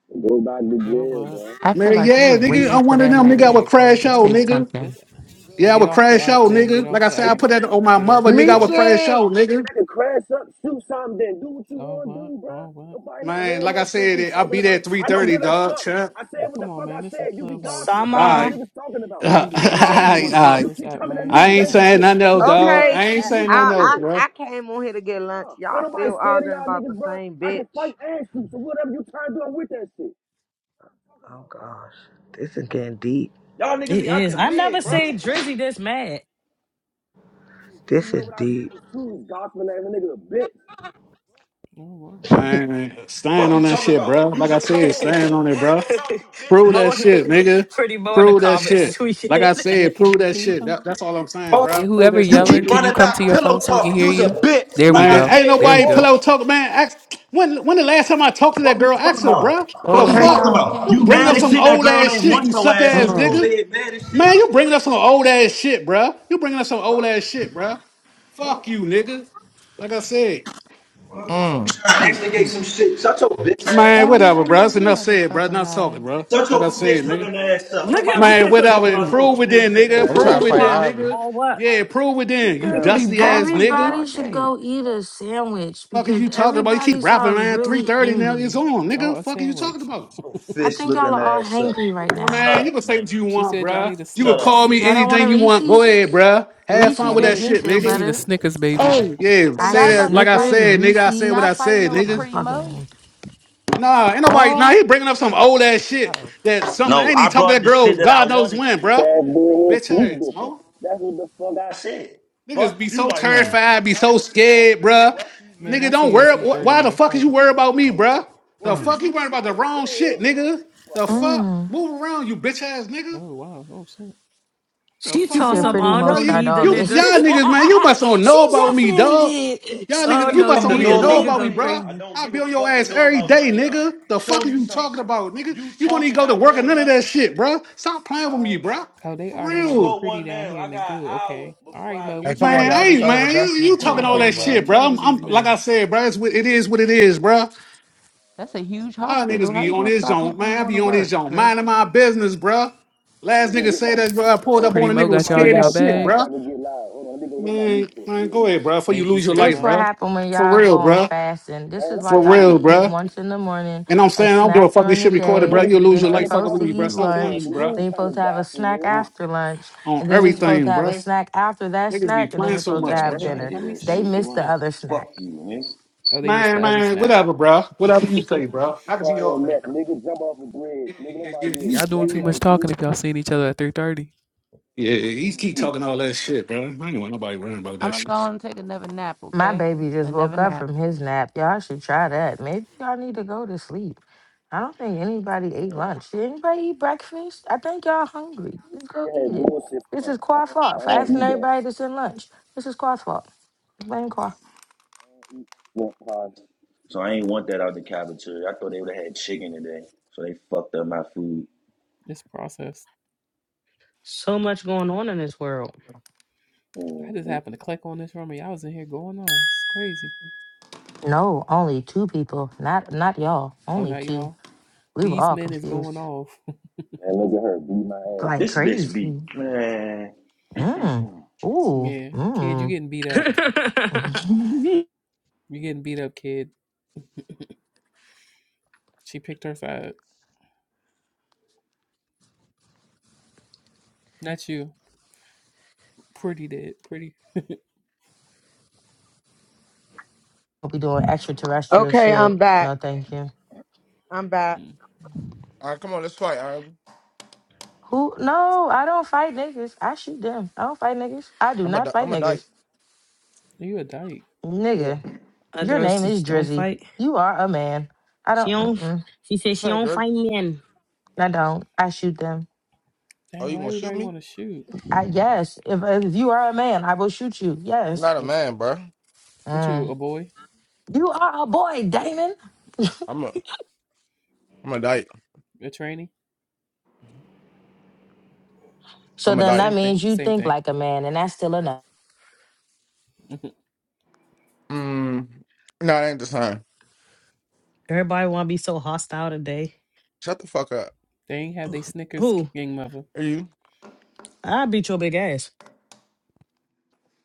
Speaker 5: Go back to
Speaker 11: Yo,
Speaker 5: jail,
Speaker 11: but
Speaker 5: bro.
Speaker 6: I feel
Speaker 8: Man,
Speaker 6: like you
Speaker 8: yeah,
Speaker 6: were
Speaker 8: nigga,
Speaker 6: waiting
Speaker 8: I'm
Speaker 6: for
Speaker 8: one of
Speaker 6: that
Speaker 11: are
Speaker 8: them,
Speaker 11: they
Speaker 8: nigga, I
Speaker 11: ready
Speaker 6: man
Speaker 8: would
Speaker 11: to
Speaker 8: crash
Speaker 11: crash
Speaker 6: to
Speaker 8: out,
Speaker 6: say
Speaker 11: out.
Speaker 8: nigga.
Speaker 6: something.
Speaker 11: This
Speaker 5: You gonna
Speaker 8: Yeah, I
Speaker 11: get
Speaker 8: would
Speaker 5: see,
Speaker 11: off the
Speaker 5: bro?
Speaker 8: crash
Speaker 11: app,
Speaker 8: out,
Speaker 11: then get
Speaker 8: nigga. Like
Speaker 11: off
Speaker 8: I
Speaker 11: the
Speaker 8: said,
Speaker 5: And
Speaker 8: I
Speaker 5: you
Speaker 11: app,
Speaker 8: put that
Speaker 5: think
Speaker 8: on my
Speaker 11: get
Speaker 5: you
Speaker 11: off
Speaker 8: mother,
Speaker 5: think
Speaker 11: the
Speaker 8: nigga, I
Speaker 5: niggas
Speaker 11: app.
Speaker 8: would
Speaker 5: ain't
Speaker 8: crash
Speaker 5: the
Speaker 7: Michi,
Speaker 8: out,
Speaker 5: only nigga
Speaker 8: nigga.
Speaker 5: that can crash up, shoot something, then do what you
Speaker 11: Oh
Speaker 5: wanna
Speaker 11: what?
Speaker 5: do,
Speaker 11: Oh
Speaker 5: bro?
Speaker 11: what?
Speaker 5: Nobody not
Speaker 8: Man,
Speaker 5: hearing
Speaker 8: like I
Speaker 5: that shit you
Speaker 8: said, I'll
Speaker 5: talking
Speaker 8: be there at
Speaker 5: about. I don't
Speaker 8: 3.30,
Speaker 5: give a
Speaker 8: dog,
Speaker 5: fuck.
Speaker 8: champ.
Speaker 5: I
Speaker 11: Well,
Speaker 5: said what
Speaker 11: Come
Speaker 5: the
Speaker 11: on,
Speaker 5: fuck
Speaker 11: man.
Speaker 5: I
Speaker 11: This is
Speaker 5: said. You be
Speaker 11: Clubhouse.
Speaker 5: gossiping.
Speaker 8: All
Speaker 5: Fuck is
Speaker 11: You
Speaker 5: you
Speaker 11: can
Speaker 1: Summer.
Speaker 8: right.
Speaker 11: be,
Speaker 5: niggas talking
Speaker 8: all
Speaker 5: about?
Speaker 11: you can be
Speaker 5: Fuck wrong
Speaker 11: anybody
Speaker 5: with
Speaker 11: you
Speaker 8: right,
Speaker 11: want to
Speaker 5: you?
Speaker 8: all
Speaker 11: be on
Speaker 8: right.
Speaker 5: You
Speaker 11: this
Speaker 5: keep
Speaker 11: app,
Speaker 5: coming at
Speaker 11: man.
Speaker 5: me
Speaker 8: I
Speaker 5: with
Speaker 11: Come
Speaker 8: ain't
Speaker 11: on.
Speaker 5: gangster
Speaker 8: saying
Speaker 5: shit.
Speaker 8: nothing
Speaker 5: So
Speaker 8: else,
Speaker 5: at
Speaker 8: dog.
Speaker 5: 3:30,
Speaker 8: I
Speaker 7: okay,
Speaker 8: ain't
Speaker 5: I'ma
Speaker 8: saying
Speaker 5: meet you
Speaker 7: I,
Speaker 8: nothing
Speaker 5: right
Speaker 8: else,
Speaker 7: I
Speaker 5: there.
Speaker 7: I
Speaker 8: bruh.
Speaker 7: came on here to get
Speaker 5: What's
Speaker 7: lunch.
Speaker 5: Ain't
Speaker 7: Y'all
Speaker 5: nobody
Speaker 7: still
Speaker 5: scared of
Speaker 7: arguing
Speaker 5: y'all
Speaker 7: about
Speaker 5: niggas,
Speaker 7: the
Speaker 5: bro.
Speaker 7: same
Speaker 5: I can
Speaker 7: bitch.
Speaker 5: fight and shoot. So whatever you trying to do, I'm with that shit. Talking
Speaker 7: Oh
Speaker 5: about.
Speaker 7: gosh, this is getting deep.
Speaker 5: Y'all niggas
Speaker 1: It
Speaker 5: be
Speaker 1: is.
Speaker 5: acting
Speaker 1: I never
Speaker 5: weird, bro.
Speaker 1: say Drizzy this mad.
Speaker 5: Cause you
Speaker 7: This
Speaker 5: know
Speaker 7: is
Speaker 5: what I said
Speaker 7: deep.
Speaker 5: was true. He's gospel ass nigga a bitch.
Speaker 11: Oh what?
Speaker 8: Man, stand
Speaker 5: Fuck you
Speaker 8: on that
Speaker 5: talking
Speaker 8: shit, bro.
Speaker 5: about?
Speaker 8: Like
Speaker 5: You's
Speaker 8: I
Speaker 5: a cold
Speaker 8: said, stand on
Speaker 5: hog.
Speaker 8: it,
Speaker 5: Running
Speaker 8: bro.
Speaker 5: your mouth, you bitch
Speaker 8: Prove
Speaker 1: Mo,
Speaker 8: that
Speaker 5: ass
Speaker 1: in
Speaker 8: shit,
Speaker 1: the-
Speaker 5: nigga.
Speaker 8: nigga.
Speaker 1: pretty Mo in the
Speaker 8: Prove that
Speaker 1: comments
Speaker 8: shit.
Speaker 1: tweaking.
Speaker 8: Like I
Speaker 11: Yeah,
Speaker 8: said,
Speaker 11: can
Speaker 8: prove
Speaker 11: you
Speaker 8: that
Speaker 11: can you
Speaker 8: shit.
Speaker 11: come?
Speaker 8: That- that's all I'm saying,
Speaker 11: Yeah,
Speaker 8: bro. Prove
Speaker 11: whoever
Speaker 5: Fuck.
Speaker 8: that
Speaker 5: You
Speaker 8: shit,
Speaker 11: yelling,
Speaker 5: keep
Speaker 11: can
Speaker 8: nigga.
Speaker 11: you
Speaker 5: running
Speaker 11: come to
Speaker 5: back
Speaker 11: your
Speaker 5: pillow
Speaker 11: phone so we can
Speaker 5: talking.
Speaker 11: hear
Speaker 5: You's a
Speaker 11: you?
Speaker 5: bitch,
Speaker 11: There
Speaker 5: like
Speaker 11: we
Speaker 5: I
Speaker 8: Man,
Speaker 11: go.
Speaker 8: ain't
Speaker 5: said
Speaker 11: There we
Speaker 8: nobody
Speaker 11: go.
Speaker 8: pillow
Speaker 5: before.
Speaker 8: talk, man. Ask, when when the last time I talked to
Speaker 5: Fuck
Speaker 8: that
Speaker 5: you
Speaker 8: girl,
Speaker 5: talking
Speaker 8: ask her,
Speaker 5: about?
Speaker 8: bro.
Speaker 5: Fuck
Speaker 8: The
Speaker 5: you
Speaker 6: Sorry,
Speaker 12: Mm,
Speaker 5: talking
Speaker 8: fuck?
Speaker 6: y'all, we
Speaker 5: about?
Speaker 6: can't
Speaker 8: You
Speaker 5: You
Speaker 6: hear
Speaker 8: bringing
Speaker 5: mad
Speaker 8: up
Speaker 6: you.
Speaker 5: as
Speaker 8: some
Speaker 5: shit that
Speaker 8: old
Speaker 5: girl
Speaker 8: ass
Speaker 5: ain't
Speaker 8: shit,
Speaker 5: want
Speaker 8: you
Speaker 5: your
Speaker 8: suck
Speaker 5: ass and
Speaker 8: ass
Speaker 5: you over
Speaker 12: mm,
Speaker 8: nigga.
Speaker 5: here mad as
Speaker 8: Man,
Speaker 5: shit.
Speaker 8: you bringing up some old ass shit, bro. You bringing up some old
Speaker 5: Fuck.
Speaker 8: ass shit, bro.
Speaker 5: Fuck.
Speaker 8: Fuck you, nigga. Like I said.
Speaker 5: You
Speaker 12: mm.
Speaker 5: trying
Speaker 11: Hmm,
Speaker 5: to instigate
Speaker 11: hmm,
Speaker 5: some shit. Shut your bitch ass
Speaker 8: Man,
Speaker 5: up.
Speaker 6: Barney,
Speaker 8: whatever,
Speaker 6: I
Speaker 8: bro.
Speaker 6: know
Speaker 8: That's
Speaker 6: you
Speaker 8: enough said, bro.
Speaker 6: motherfucking
Speaker 8: Not talking,
Speaker 6: lying.
Speaker 8: bro.
Speaker 5: Shut
Speaker 8: Like
Speaker 5: your
Speaker 8: I said,
Speaker 5: fish
Speaker 8: nigga.
Speaker 5: looking ass up.
Speaker 1: Look
Speaker 5: Nobody
Speaker 1: at
Speaker 5: over
Speaker 1: you.
Speaker 8: Man,
Speaker 5: here talking
Speaker 8: whatever.
Speaker 5: about
Speaker 11: hmm.
Speaker 5: your
Speaker 8: Prove it
Speaker 5: fish
Speaker 8: then,
Speaker 5: looking
Speaker 8: nigga.
Speaker 12: I'm trying to
Speaker 1: All
Speaker 8: Prove
Speaker 5: ass.
Speaker 8: it
Speaker 12: fight
Speaker 1: qua,
Speaker 8: then,
Speaker 12: Ivy.
Speaker 8: nigga.
Speaker 1: all what?
Speaker 8: Yeah, prove it then. You
Speaker 6: Girl, we
Speaker 8: dusty
Speaker 6: ball
Speaker 8: ass
Speaker 6: fighting
Speaker 8: nigga.
Speaker 6: all
Speaker 4: Everybody should
Speaker 6: day.
Speaker 4: go eat a sandwich
Speaker 8: Fuck are
Speaker 4: because
Speaker 8: you talking about? You
Speaker 4: everybody
Speaker 8: keep rapping,
Speaker 4: sounds
Speaker 8: man.
Speaker 4: really
Speaker 8: 330 now.
Speaker 4: angry.
Speaker 8: It's on,
Speaker 11: I
Speaker 8: nigga.
Speaker 11: want a
Speaker 8: Fuck are you talking
Speaker 11: sandwich.
Speaker 8: about?
Speaker 5: Your
Speaker 4: I
Speaker 5: fish
Speaker 4: think y'all
Speaker 5: looking
Speaker 4: are all
Speaker 5: ass up.
Speaker 4: hangry right
Speaker 8: Well,
Speaker 4: now.
Speaker 5: Shut
Speaker 8: man, you
Speaker 5: up,
Speaker 8: can
Speaker 5: nigga.
Speaker 8: say what you
Speaker 11: She
Speaker 8: want,
Speaker 11: said y'all
Speaker 8: bruh.
Speaker 11: need a
Speaker 8: You can
Speaker 5: Shut up,
Speaker 8: call
Speaker 11: Snickers.
Speaker 8: me
Speaker 5: nigga.
Speaker 4: Y'all don't want a
Speaker 8: anything you want. Go
Speaker 4: Reese's?
Speaker 8: ahead, bruh. Have fun
Speaker 11: No,
Speaker 4: Reese's
Speaker 8: with
Speaker 11: they
Speaker 4: make
Speaker 8: that
Speaker 11: didn't.
Speaker 4: me
Speaker 8: shit,
Speaker 4: feel
Speaker 11: They
Speaker 8: nigga.
Speaker 11: need a
Speaker 4: better.
Speaker 11: Snickers, baby.
Speaker 6: Hey,
Speaker 8: Yeah,
Speaker 6: so
Speaker 4: I used
Speaker 8: say
Speaker 6: y'all
Speaker 4: to
Speaker 6: about
Speaker 8: that
Speaker 6: to
Speaker 8: like I
Speaker 4: Snickers,
Speaker 6: fight?
Speaker 8: said, nigga. I said what
Speaker 6: Y'all
Speaker 4: Reese's,
Speaker 8: I
Speaker 6: fighting
Speaker 8: said,
Speaker 6: over
Speaker 8: nigga.
Speaker 6: Pretty Mo?
Speaker 4: motherfucking
Speaker 8: Nah, ain't nobody. Nah, he
Speaker 4: all.
Speaker 8: bringing up some old ass shit
Speaker 6: Oh,
Speaker 8: that something
Speaker 5: No,
Speaker 8: ain't he
Speaker 5: I
Speaker 8: talking to
Speaker 5: brought
Speaker 8: that
Speaker 5: the
Speaker 8: girl.
Speaker 5: shit that I
Speaker 8: God knows
Speaker 5: wanted to.
Speaker 8: when, bruh.
Speaker 5: Fat boy
Speaker 8: Bitch
Speaker 5: sneak
Speaker 8: ass,
Speaker 5: different.
Speaker 8: mo
Speaker 5: That's what the fuck I said.
Speaker 8: Niggas
Speaker 5: Fuck,
Speaker 8: be
Speaker 5: you
Speaker 8: so
Speaker 5: like,
Speaker 12: Mm,
Speaker 5: oh,
Speaker 8: terrified, be
Speaker 5: why
Speaker 8: so
Speaker 5: Pretty Mo
Speaker 8: scared,
Speaker 5: leave?
Speaker 8: bruh.
Speaker 5: Why she
Speaker 11: Man,
Speaker 8: Nigga,
Speaker 11: I
Speaker 5: leave?
Speaker 11: see
Speaker 8: don't
Speaker 11: you at
Speaker 8: worry.
Speaker 11: three
Speaker 8: wh-
Speaker 11: thirty,
Speaker 8: Why the
Speaker 11: man.
Speaker 8: fuck is you
Speaker 11: Fuck it.
Speaker 8: worried
Speaker 5: She
Speaker 8: about me,
Speaker 5: go.
Speaker 8: bruh?
Speaker 5: Why
Speaker 8: The
Speaker 5: she
Speaker 12: mm.
Speaker 8: fuck you
Speaker 5: leave?
Speaker 8: worried about the
Speaker 5: Go. Go,
Speaker 8: wrong
Speaker 5: go.
Speaker 8: shit, nigga. The
Speaker 5: Fuck up.
Speaker 8: fuck,
Speaker 4: Mm.
Speaker 8: move around, you bitch ass nigga.
Speaker 11: Oh wow. Oh shit.
Speaker 8: The
Speaker 1: She
Speaker 4: She
Speaker 8: fuck
Speaker 1: toss
Speaker 4: said
Speaker 1: up.
Speaker 8: going
Speaker 4: pretty
Speaker 1: I
Speaker 8: on,
Speaker 1: don't
Speaker 8: bro?
Speaker 4: most
Speaker 1: know
Speaker 8: You
Speaker 4: start
Speaker 1: neither
Speaker 4: all
Speaker 8: you
Speaker 4: this.
Speaker 1: nigga.
Speaker 8: y'all
Speaker 1: I
Speaker 8: niggas, man. You must don't know
Speaker 4: she
Speaker 8: about me,
Speaker 4: definitely
Speaker 8: dog.
Speaker 4: did. She
Speaker 8: Y'all
Speaker 5: Give
Speaker 8: niggas,
Speaker 1: don't
Speaker 8: you
Speaker 1: know
Speaker 5: a
Speaker 8: must
Speaker 5: fuck to
Speaker 8: only
Speaker 4: definitely
Speaker 1: neither
Speaker 5: know
Speaker 4: did.
Speaker 8: know
Speaker 1: nigga
Speaker 5: about
Speaker 8: about
Speaker 5: none
Speaker 8: me,
Speaker 1: go
Speaker 5: of
Speaker 8: bro.
Speaker 5: y'all. I
Speaker 1: crazy.
Speaker 5: don't
Speaker 8: I
Speaker 5: give
Speaker 8: be
Speaker 5: a
Speaker 8: on your
Speaker 5: fuck to
Speaker 8: ass
Speaker 5: know
Speaker 8: every
Speaker 5: about
Speaker 8: day,
Speaker 5: none of y'all.
Speaker 8: nigga. The
Speaker 5: Show
Speaker 8: fuck are
Speaker 5: me
Speaker 8: you
Speaker 5: something.
Speaker 8: talking about, nigga?
Speaker 5: You
Speaker 8: You want to
Speaker 5: talking,
Speaker 8: go to
Speaker 5: not
Speaker 8: work or
Speaker 5: doing
Speaker 8: none of that
Speaker 5: nothing.
Speaker 8: shit, bro? Stop playing with
Speaker 5: All
Speaker 8: me,
Speaker 5: right.
Speaker 8: bro.
Speaker 11: Oh, they
Speaker 8: For
Speaker 11: arguing
Speaker 5: It's
Speaker 11: over
Speaker 8: real,
Speaker 11: pretty
Speaker 5: 201
Speaker 11: down
Speaker 5: now.
Speaker 11: here
Speaker 5: I
Speaker 11: in the
Speaker 5: got an
Speaker 11: goo.
Speaker 5: hour
Speaker 11: Okay. All
Speaker 5: before
Speaker 11: right,
Speaker 5: I
Speaker 11: Mo.
Speaker 12: Hey,
Speaker 5: meet
Speaker 11: What you
Speaker 5: you
Speaker 12: come
Speaker 11: do
Speaker 12: on,
Speaker 11: to
Speaker 8: man.
Speaker 5: right
Speaker 8: I
Speaker 12: y'all.
Speaker 11: the?
Speaker 5: there.
Speaker 12: This
Speaker 8: ain't
Speaker 12: over.
Speaker 8: man. You
Speaker 12: That's the
Speaker 8: you
Speaker 11: Come
Speaker 12: pretty
Speaker 8: talking
Speaker 11: on,
Speaker 8: all
Speaker 12: nose,
Speaker 11: pretty
Speaker 8: that
Speaker 11: Mo.
Speaker 12: bro.
Speaker 8: shit,
Speaker 11: What you
Speaker 8: bro?
Speaker 11: do to
Speaker 8: I'm, I'm
Speaker 11: these
Speaker 8: like I
Speaker 11: men?
Speaker 8: said, bro. It's what it is. What it is, bro.
Speaker 6: that's a huge
Speaker 8: you
Speaker 6: hospital.
Speaker 8: niggas
Speaker 6: How
Speaker 8: be
Speaker 6: you
Speaker 8: on
Speaker 6: gonna
Speaker 8: this
Speaker 6: stop him
Speaker 8: joint,
Speaker 6: from
Speaker 8: man. I
Speaker 6: going to
Speaker 8: be on this
Speaker 6: work,
Speaker 8: joint,
Speaker 6: Drizzy?
Speaker 8: minding my business, bro.
Speaker 5: Let me
Speaker 8: Last
Speaker 5: go
Speaker 8: nigga
Speaker 5: hit my
Speaker 8: said that, bro. I
Speaker 5: cigarette.
Speaker 8: pulled
Speaker 5: Hold
Speaker 8: up
Speaker 11: Pretty
Speaker 8: on
Speaker 5: on.
Speaker 8: a
Speaker 11: Mo
Speaker 5: Hold on.
Speaker 8: nigga
Speaker 5: I'm
Speaker 8: was
Speaker 11: got
Speaker 5: about
Speaker 11: y'all
Speaker 5: to
Speaker 11: in
Speaker 5: go
Speaker 8: scared
Speaker 11: y'all
Speaker 8: as shit,
Speaker 5: outside
Speaker 11: bag.
Speaker 5: so
Speaker 8: bro.
Speaker 5: I can get loud. Hold on. Let me go hit my
Speaker 8: Man,
Speaker 5: Newport
Speaker 8: man,
Speaker 5: real
Speaker 8: go ahead,
Speaker 5: quick.
Speaker 8: bro. Before you
Speaker 11: Thank you,
Speaker 8: lose your
Speaker 11: pretty
Speaker 4: This
Speaker 8: life,
Speaker 4: what
Speaker 8: bro.
Speaker 11: Mo.
Speaker 4: happen when
Speaker 8: For
Speaker 4: y'all go
Speaker 8: real,
Speaker 4: on
Speaker 8: bro.
Speaker 4: fasting. This
Speaker 5: Man,
Speaker 4: is
Speaker 5: that's
Speaker 8: For
Speaker 4: why y'all should
Speaker 8: real,
Speaker 5: crazy.
Speaker 4: eat
Speaker 8: bro.
Speaker 4: once in the morning,
Speaker 8: And I'm
Speaker 4: a
Speaker 8: saying I don't give a
Speaker 4: snack
Speaker 8: fuck.
Speaker 4: during
Speaker 8: This
Speaker 4: the
Speaker 8: shit recorded,
Speaker 5: Y'all
Speaker 4: day.
Speaker 8: bro.
Speaker 5: niggas
Speaker 8: You'll
Speaker 5: still
Speaker 8: lose
Speaker 4: You're
Speaker 8: your
Speaker 5: riding
Speaker 8: life
Speaker 5: the
Speaker 8: fucking
Speaker 5: car
Speaker 4: supposed
Speaker 8: with
Speaker 4: to
Speaker 5: with
Speaker 8: me, bro.
Speaker 4: eat
Speaker 8: Stop
Speaker 5: seatbelts
Speaker 8: playing
Speaker 5: on,
Speaker 8: with
Speaker 4: lunch,
Speaker 8: me,
Speaker 5: so we
Speaker 8: bro.
Speaker 4: then
Speaker 5: ain't
Speaker 4: you're
Speaker 5: trying to
Speaker 4: supposed to have a
Speaker 5: die for
Speaker 4: snack
Speaker 5: real.
Speaker 8: On,
Speaker 4: after lunch,
Speaker 8: on
Speaker 4: and then you're
Speaker 11: Dang.
Speaker 4: supposed to
Speaker 8: everything,
Speaker 4: have a
Speaker 8: bro.
Speaker 4: snack after that
Speaker 8: Niggas be
Speaker 4: snack, and then
Speaker 5: That's
Speaker 8: playing
Speaker 4: you're
Speaker 5: for
Speaker 8: so
Speaker 4: supposed to
Speaker 8: much,
Speaker 5: nobody
Speaker 11: Hey,
Speaker 5: ain't
Speaker 4: have
Speaker 8: bro.
Speaker 5: trying to
Speaker 11: damn.
Speaker 4: dinner.
Speaker 11: How
Speaker 5: hear
Speaker 11: many
Speaker 5: that
Speaker 4: They
Speaker 5: shit.
Speaker 11: snacks you
Speaker 4: miss the
Speaker 11: want?
Speaker 4: other
Speaker 5: Fuck
Speaker 4: snack.
Speaker 5: you, nigga.
Speaker 11: Oh, they missed the
Speaker 8: Man,
Speaker 11: other
Speaker 8: man,
Speaker 11: snack.
Speaker 8: whatever, bro. Whatever you say, bro.
Speaker 5: Seat
Speaker 8: I can be
Speaker 5: around
Speaker 8: all
Speaker 5: your
Speaker 8: that,
Speaker 5: neck,
Speaker 8: bro.
Speaker 5: nigga. Jump off a bridge.
Speaker 8: Yeah,
Speaker 5: Nigga,
Speaker 8: yeah,
Speaker 5: nobody
Speaker 8: yeah. yeah.
Speaker 5: give a
Speaker 8: you-
Speaker 11: Y'all doing
Speaker 8: yeah,
Speaker 5: fuck
Speaker 11: too much
Speaker 5: about you.
Speaker 11: talking if y'all seeing each other at three thirty.
Speaker 8: yeah, yeah. he
Speaker 5: Bring
Speaker 8: keep
Speaker 5: you.
Speaker 8: talking all that shit, bro. I ain't want nobody worrying about
Speaker 6: I'm
Speaker 8: that shit.
Speaker 6: gonna go and take another nap,
Speaker 4: My
Speaker 6: okay?
Speaker 4: baby just
Speaker 6: Another
Speaker 4: woke up
Speaker 6: nap.
Speaker 4: from his nap. Y'all should try that. Maybe y'all need to go to sleep. I don't think anybody
Speaker 5: You
Speaker 4: ate
Speaker 5: know, nah.
Speaker 4: lunch. Did anybody eat breakfast? I think y'all hungry. Let's go
Speaker 5: Material had
Speaker 4: eat it.
Speaker 5: bullshit
Speaker 4: This
Speaker 5: for
Speaker 4: is
Speaker 5: us. I
Speaker 4: Kwa's
Speaker 5: don't,
Speaker 4: fault
Speaker 5: I
Speaker 4: for
Speaker 5: don't
Speaker 4: asking
Speaker 5: eat that.
Speaker 4: everybody to send lunch. This is Kwa's fault. Blame Kwa.
Speaker 5: I eat shrimp pies. So I ain't want that out the cafeteria. I thought they would have had chicken today. So they fucked up my food.
Speaker 11: This process.
Speaker 1: So much going on in this world.
Speaker 11: I just happened to click on this room and y'all was in here going off. It's crazy.
Speaker 4: No, only two people. Not not y'all.
Speaker 11: Oh,
Speaker 4: Only
Speaker 11: not
Speaker 4: two.
Speaker 11: y'all.
Speaker 4: We were
Speaker 11: These
Speaker 4: all
Speaker 11: men is
Speaker 4: confused.
Speaker 11: going off.
Speaker 5: And look at her beat my ass.
Speaker 4: Like
Speaker 5: This bitch beat.
Speaker 4: crazy.
Speaker 5: Man.
Speaker 4: Mmm. Ooh.
Speaker 11: yeah, kid, you
Speaker 4: Mmm.
Speaker 11: getting beat up.
Speaker 1: A
Speaker 4: we
Speaker 11: You getting beat up, kid. She picked her side. Not you. Pretty did. Pretty.
Speaker 4: We'll be doing extraterrestrial
Speaker 7: Okay, I'm
Speaker 4: shit. No,
Speaker 7: back.
Speaker 4: thank you.
Speaker 7: I'm back.
Speaker 11: Mm.
Speaker 12: All right, come on, let's fight, Ivy.
Speaker 4: Who? No, I don't fight niggas. I shoot them. I don't fight niggas. I do
Speaker 12: I'm a,
Speaker 4: not
Speaker 12: di-
Speaker 4: fight
Speaker 12: I'm a dyke.
Speaker 4: niggas.
Speaker 11: You a dyke.
Speaker 12: Yeah.
Speaker 4: Nigga, your
Speaker 1: girl
Speaker 4: name
Speaker 1: says
Speaker 4: is
Speaker 1: she don't
Speaker 4: Drizzy.
Speaker 1: fight.
Speaker 4: You are a man. I
Speaker 1: She
Speaker 4: don't.
Speaker 1: don't.
Speaker 4: Mm-mm,
Speaker 1: She says she
Speaker 12: Say,
Speaker 1: don't
Speaker 12: Dirk.
Speaker 1: fight men.
Speaker 4: I don't. I shoot them.
Speaker 12: Oh,
Speaker 11: Dang,
Speaker 12: you
Speaker 11: why
Speaker 12: gonna shoot
Speaker 11: everybody
Speaker 12: me?
Speaker 11: want to shoot?
Speaker 4: I yes. If if you are a man, I will shoot you.
Speaker 12: I'm
Speaker 4: Yes.
Speaker 12: not a
Speaker 11: A
Speaker 12: man, bro.
Speaker 11: What you,
Speaker 4: Mm.
Speaker 11: a boy?
Speaker 4: You are a boy, Damon.
Speaker 12: I'm a, I'm a dyke.
Speaker 11: A trainee?
Speaker 4: So
Speaker 12: I'm a
Speaker 4: then
Speaker 12: dyke.
Speaker 4: that
Speaker 11: Same thing.
Speaker 4: means you
Speaker 11: Same
Speaker 4: think
Speaker 11: thing.
Speaker 4: like a man, and that's still enough.
Speaker 11: they
Speaker 12: Mm. No, that ain't the time.
Speaker 1: Everybody want to be so hostile today.
Speaker 12: Shut the fuck up.
Speaker 11: ain't have they Snickers,
Speaker 1: Who?
Speaker 11: king mother.
Speaker 12: Are you?
Speaker 1: I beat your big ass.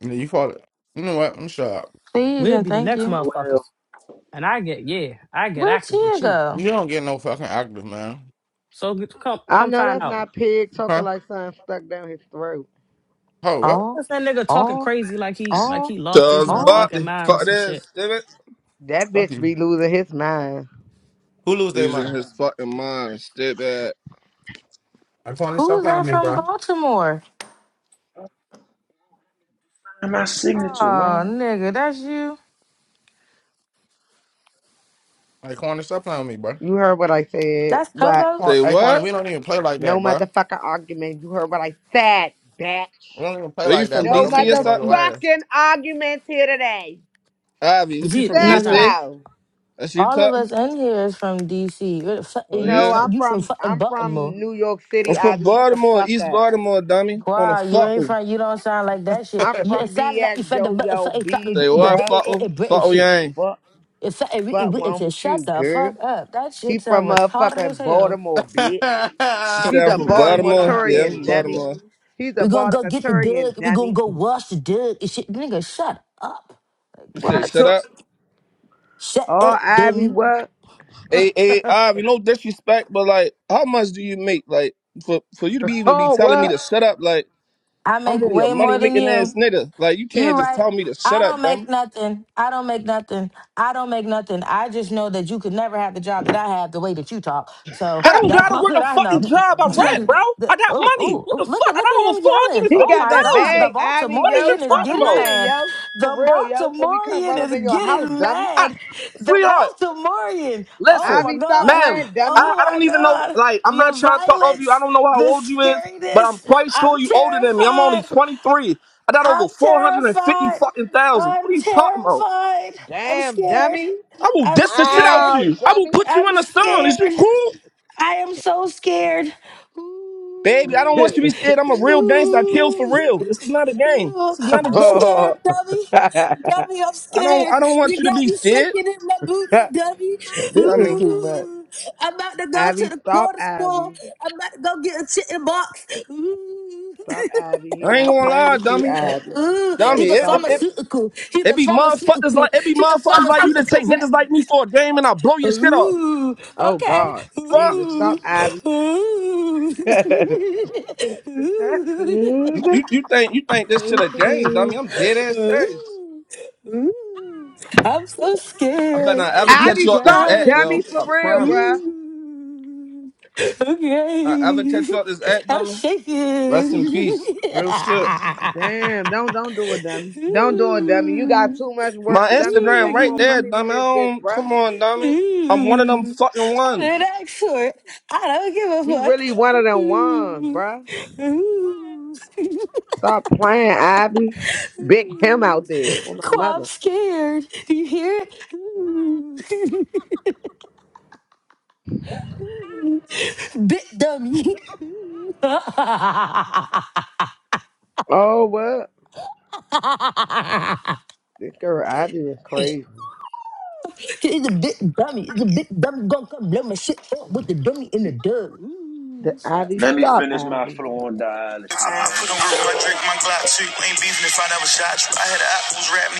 Speaker 12: Yeah, you fought it. You know what? I'm shut up.
Speaker 4: Please
Speaker 1: We'll
Speaker 4: and
Speaker 1: be the
Speaker 4: thank
Speaker 1: next
Speaker 4: you.
Speaker 5: LOL.
Speaker 1: motherfuckers. And I get yeah, I get
Speaker 4: Where'd
Speaker 1: active
Speaker 4: Tia
Speaker 1: with you.
Speaker 4: go?
Speaker 12: You don't get no fucking active, man.
Speaker 1: So g- come
Speaker 7: I
Speaker 1: come
Speaker 7: know
Speaker 1: find
Speaker 7: that's
Speaker 1: out.
Speaker 7: not pig
Speaker 12: Huh?
Speaker 7: talking like something stuck down his throat.
Speaker 12: Oh, what?
Speaker 4: Oh,
Speaker 1: That's that nigga talking
Speaker 4: oh,
Speaker 1: crazy like he like
Speaker 4: oh,
Speaker 1: he lost his
Speaker 13: Charles
Speaker 4: oh.
Speaker 1: motherfucking
Speaker 13: Barkley,
Speaker 1: mind or
Speaker 13: fuck
Speaker 1: some
Speaker 13: that,
Speaker 1: shit.
Speaker 13: stupid.
Speaker 7: That
Speaker 12: Fuck
Speaker 7: bitch
Speaker 12: you.
Speaker 7: be losing his mind.
Speaker 12: Who lose their
Speaker 13: Using
Speaker 12: mind?
Speaker 13: his fucking mind, stupid.
Speaker 12: I just want stop
Speaker 4: Who's
Speaker 12: playing
Speaker 4: that
Speaker 12: with me,
Speaker 4: from
Speaker 12: bro.
Speaker 4: Baltimore?
Speaker 5: And my signature,
Speaker 4: Oh,
Speaker 5: man.
Speaker 4: nigga, that's you.
Speaker 12: Like, corner, stop playing with me, bro.
Speaker 7: You heard what I said.
Speaker 4: That's
Speaker 7: What?
Speaker 12: Quan-
Speaker 13: Say
Speaker 4: Togoats.
Speaker 12: Hey, Quan,
Speaker 13: what?
Speaker 12: we don't even play like
Speaker 7: No
Speaker 12: that, bro.
Speaker 7: motherfucking argument. You heard what I said,
Speaker 12: We
Speaker 7: bitch.
Speaker 12: don't even play
Speaker 13: Are you
Speaker 12: like that,
Speaker 13: from
Speaker 12: bro.
Speaker 7: No
Speaker 12: Don't make
Speaker 13: DC
Speaker 12: me
Speaker 13: or
Speaker 12: get on your
Speaker 13: something?
Speaker 12: ass.
Speaker 7: motherfucking arguments here today.
Speaker 13: Ivy, what you
Speaker 1: Z
Speaker 13: from
Speaker 4: Nigga,
Speaker 1: nada
Speaker 13: DC?
Speaker 7: Seppo.
Speaker 13: That's you
Speaker 4: all of
Speaker 13: talking?
Speaker 4: us in here is from DC. Where the fuck- eh,
Speaker 13: Oh
Speaker 4: You
Speaker 7: No,
Speaker 13: yeah.
Speaker 4: from
Speaker 7: I'm
Speaker 4: you from
Speaker 7: from
Speaker 4: fucking
Speaker 7: I'm
Speaker 4: Baltimore.
Speaker 7: from New York
Speaker 13: I'm
Speaker 7: City,
Speaker 13: from
Speaker 7: Ivy. Shut the
Speaker 13: Baltimore,
Speaker 7: fuck
Speaker 13: East
Speaker 7: up.
Speaker 13: Baltimore, dummy. On a
Speaker 4: Wow, you ain't
Speaker 13: fuckle.
Speaker 4: from you don't sound like that shit.
Speaker 7: I'm
Speaker 4: You it
Speaker 7: from
Speaker 4: sound like you
Speaker 7: BX
Speaker 4: from the
Speaker 7: Yo Yo
Speaker 4: motherfucking talking
Speaker 7: B
Speaker 4: the,
Speaker 13: Say
Speaker 4: the
Speaker 13: what,
Speaker 4: the
Speaker 7: bruh.
Speaker 4: eh, eh,
Speaker 13: fuckle?
Speaker 4: eh, British
Speaker 13: Fuckle
Speaker 4: shit.
Speaker 13: yang.
Speaker 7: What
Speaker 4: It fucking really
Speaker 7: fuck
Speaker 4: really it
Speaker 7: wrong
Speaker 4: said,
Speaker 7: with you,
Speaker 4: shut the
Speaker 7: girl?
Speaker 4: fuck up. That
Speaker 7: He
Speaker 4: shit sound
Speaker 7: from
Speaker 4: retarded as
Speaker 7: motherfucking
Speaker 4: hell.
Speaker 7: Baltimore, bitch.
Speaker 13: You
Speaker 1: shit.
Speaker 13: say
Speaker 7: He's
Speaker 13: I'm
Speaker 7: a
Speaker 13: from Baltimore? Yeah, I'm from
Speaker 7: Baltimorean dummy.
Speaker 13: Baltimore.
Speaker 7: He's a
Speaker 4: We gonna go get the
Speaker 7: Baltimorean
Speaker 4: dug, we gonna
Speaker 7: dummy.
Speaker 4: go wash the dug and shit. Nigga, shut up.
Speaker 13: You said shut
Speaker 4: What?
Speaker 7: oh,
Speaker 13: up.
Speaker 4: Shut up,
Speaker 7: Ivy,
Speaker 4: dummy.
Speaker 7: what?
Speaker 13: Hey, hey, Ivy, no disrespect, but like, how much do you make? Like, for for you to be even be
Speaker 7: Oh,
Speaker 13: telling me
Speaker 7: what?
Speaker 13: to shut up, like.
Speaker 4: I
Speaker 13: I'm
Speaker 4: make
Speaker 13: really a
Speaker 4: way
Speaker 13: money
Speaker 4: more than
Speaker 13: making
Speaker 4: you.
Speaker 13: ass nigga. Like you
Speaker 4: You
Speaker 13: can't just
Speaker 4: right.
Speaker 13: tell me to shut
Speaker 4: I
Speaker 13: up,
Speaker 4: don't make
Speaker 13: dumb.
Speaker 4: nothing. I don't make nothing. I don't make nothing. I just know that you could never have the job that I have the way that you talk. So
Speaker 13: I don't
Speaker 4: that's
Speaker 13: gotta
Speaker 4: all
Speaker 13: work a
Speaker 4: that I
Speaker 13: fucking
Speaker 4: know.
Speaker 13: job. I rap,
Speaker 4: Just
Speaker 12: Mm.
Speaker 13: bro. I
Speaker 4: the,
Speaker 13: got
Speaker 4: oh,
Speaker 13: money.
Speaker 4: oh,
Speaker 13: What
Speaker 4: oh,
Speaker 13: the
Speaker 4: look
Speaker 13: fuck?
Speaker 4: at
Speaker 13: I
Speaker 4: look
Speaker 13: got over
Speaker 4: at him
Speaker 13: four hundred
Speaker 4: yelling.
Speaker 13: and
Speaker 7: He
Speaker 4: Oh
Speaker 13: fifty
Speaker 7: got
Speaker 4: my
Speaker 7: that
Speaker 4: God,
Speaker 13: thousand.
Speaker 4: the
Speaker 7: bag, Ivy,
Speaker 13: What is you
Speaker 7: yo.
Speaker 4: Baltimorean is
Speaker 7: Stop
Speaker 13: talking
Speaker 4: getting
Speaker 13: about?
Speaker 7: playing,
Speaker 4: mad.
Speaker 7: yo. For
Speaker 4: The
Speaker 7: real, yo. Before we come
Speaker 4: Baltimorean
Speaker 7: run up in
Speaker 4: is
Speaker 7: your house,
Speaker 4: getting
Speaker 7: dummy.
Speaker 13: I,
Speaker 4: mad. The
Speaker 13: sweetheart,
Speaker 4: Baltimorean. Oh
Speaker 13: listen,
Speaker 4: my
Speaker 7: Ivy, stop
Speaker 4: God.
Speaker 13: ma'am.
Speaker 7: playing, dummy.
Speaker 13: I,
Speaker 4: Oh
Speaker 13: I
Speaker 4: my
Speaker 13: don't even know.
Speaker 4: God.
Speaker 13: Like I'm not
Speaker 4: The
Speaker 13: trying to talk over you. I
Speaker 4: violence,
Speaker 13: don't know how
Speaker 4: the
Speaker 13: old you is, but I'm
Speaker 4: scariness.
Speaker 13: quite
Speaker 4: I'm
Speaker 13: sure you older than me. I'm only
Speaker 4: terrified.
Speaker 13: 23. I got over
Speaker 4: I'm
Speaker 13: four hundred and fifty
Speaker 4: terrified.
Speaker 13: fucking thousand. What
Speaker 4: I'm
Speaker 13: are you talking about?
Speaker 4: terrified. I'm
Speaker 7: Damn,
Speaker 4: scared.
Speaker 7: dummy.
Speaker 13: I will
Speaker 4: I'm
Speaker 13: diss the shit out
Speaker 7: Ow,
Speaker 4: scared.
Speaker 13: you. I will put you
Speaker 4: I'm
Speaker 13: in a song. Is you
Speaker 4: scared.
Speaker 13: cool?
Speaker 4: I am so scared.
Speaker 13: Baby, I don't
Speaker 7: dummy.
Speaker 13: want you
Speaker 4: Ooh,
Speaker 13: to be scared. I'm a real gangster. I kill for
Speaker 4: ooh,
Speaker 13: real. This is not a game.
Speaker 4: ooh.
Speaker 13: This is not a
Speaker 4: I'm
Speaker 13: joke.
Speaker 7: Oh.
Speaker 4: scared, dummy. Dummy, I'm
Speaker 13: I don't
Speaker 4: scared.
Speaker 13: I don't want
Speaker 4: You
Speaker 13: you to
Speaker 4: got
Speaker 13: be
Speaker 4: me
Speaker 13: scared.
Speaker 4: shaking in my boots,
Speaker 7: this
Speaker 4: dummy.
Speaker 13: I
Speaker 7: is
Speaker 13: mean,
Speaker 7: too much.
Speaker 4: Ooh, I'm about to go to
Speaker 7: Ivy,
Speaker 4: the
Speaker 7: stop,
Speaker 4: corner store.
Speaker 7: Ivy.
Speaker 4: I'm about to go get a chicken box. Ooh.
Speaker 7: Stop, Ivy. He
Speaker 13: I ain't
Speaker 7: not
Speaker 13: gonna
Speaker 7: playing
Speaker 13: lie,
Speaker 7: with you,
Speaker 13: dummy.
Speaker 7: Ivy.
Speaker 4: Ooh,
Speaker 7: You
Speaker 13: Dummy,
Speaker 4: he's
Speaker 7: better
Speaker 4: a
Speaker 13: it,
Speaker 7: stop
Speaker 13: it, it,
Speaker 7: it.
Speaker 4: pharmaceutical. He's a
Speaker 13: it be motherfuckers
Speaker 4: pharmaceutical.
Speaker 13: like it be
Speaker 4: He's a
Speaker 13: motherfuckers like you that
Speaker 4: pharmaceutical
Speaker 13: take niggas
Speaker 4: rep.
Speaker 13: like me for a game and I blow your shit off.
Speaker 4: Ooh,
Speaker 7: Oh,
Speaker 4: okay.
Speaker 7: God.
Speaker 13: Fuck.
Speaker 7: Jesus,
Speaker 4: Ooh,
Speaker 7: stop, Ivy.
Speaker 4: ooh,
Speaker 9: Is that
Speaker 4: ooh,
Speaker 9: pig?
Speaker 13: You, you, you think you think this
Speaker 9: Hey
Speaker 13: shit a game,
Speaker 9: pig.
Speaker 13: dummy. I'm dead ass
Speaker 4: ooh,
Speaker 13: serious.
Speaker 4: ooh. I'm so
Speaker 13: I better
Speaker 4: scared.
Speaker 13: not ever
Speaker 4: You
Speaker 13: touch you
Speaker 7: Ivy,
Speaker 13: off this
Speaker 7: stop,
Speaker 4: got
Speaker 13: app,
Speaker 4: it.
Speaker 13: yo.
Speaker 7: dummy, for
Speaker 13: I
Speaker 7: real,
Speaker 13: promise.
Speaker 7: bruh.
Speaker 4: Ooh,
Speaker 13: I ever
Speaker 4: okay.
Speaker 13: touch you off this app,
Speaker 4: I'm
Speaker 13: dummy. Rest in
Speaker 4: shaking.
Speaker 13: peace. Real shit.
Speaker 7: Damn, don't don't do it, dummy. Don't do it, dummy. You got
Speaker 4: ooh,
Speaker 7: too much work,
Speaker 13: My
Speaker 7: dummy. You
Speaker 13: Instagram
Speaker 7: make
Speaker 13: right
Speaker 7: more
Speaker 13: there,
Speaker 4: ooh.
Speaker 7: money than
Speaker 13: dummy. I
Speaker 7: this bitch,
Speaker 13: don't,
Speaker 7: bruh.
Speaker 13: come on, dummy. I'm one of them
Speaker 4: Mm.
Speaker 13: fucking
Speaker 4: I
Speaker 13: ones.
Speaker 4: didn't ask for it. I don't give a
Speaker 7: He
Speaker 4: fuck.
Speaker 7: really one of them ones,
Speaker 4: Mm.
Speaker 7: bruh.
Speaker 4: Mm.
Speaker 7: Stop playing, Ivy. Big him
Speaker 4: Mm.
Speaker 7: out there with my
Speaker 4: Quap
Speaker 7: mother.
Speaker 4: scared. Do you hear it? Mm. Mm. bit dummy. Mm.
Speaker 7: Oh what? This girl Ivy is crazy.
Speaker 4: it's a bit dummy. It's a bit dummy gonna come blow my shit up with the dummy in the dub.
Speaker 7: The
Speaker 4: Ooh, fuck.
Speaker 7: Ivy,
Speaker 5: Let me
Speaker 7: stop,
Speaker 5: finish my
Speaker 7: Ivy.
Speaker 5: flow on dialysis,
Speaker 13: I put
Speaker 5: man.
Speaker 13: on with my drink, my Glock too. Ain't beefing if I never shot you. I had apples rap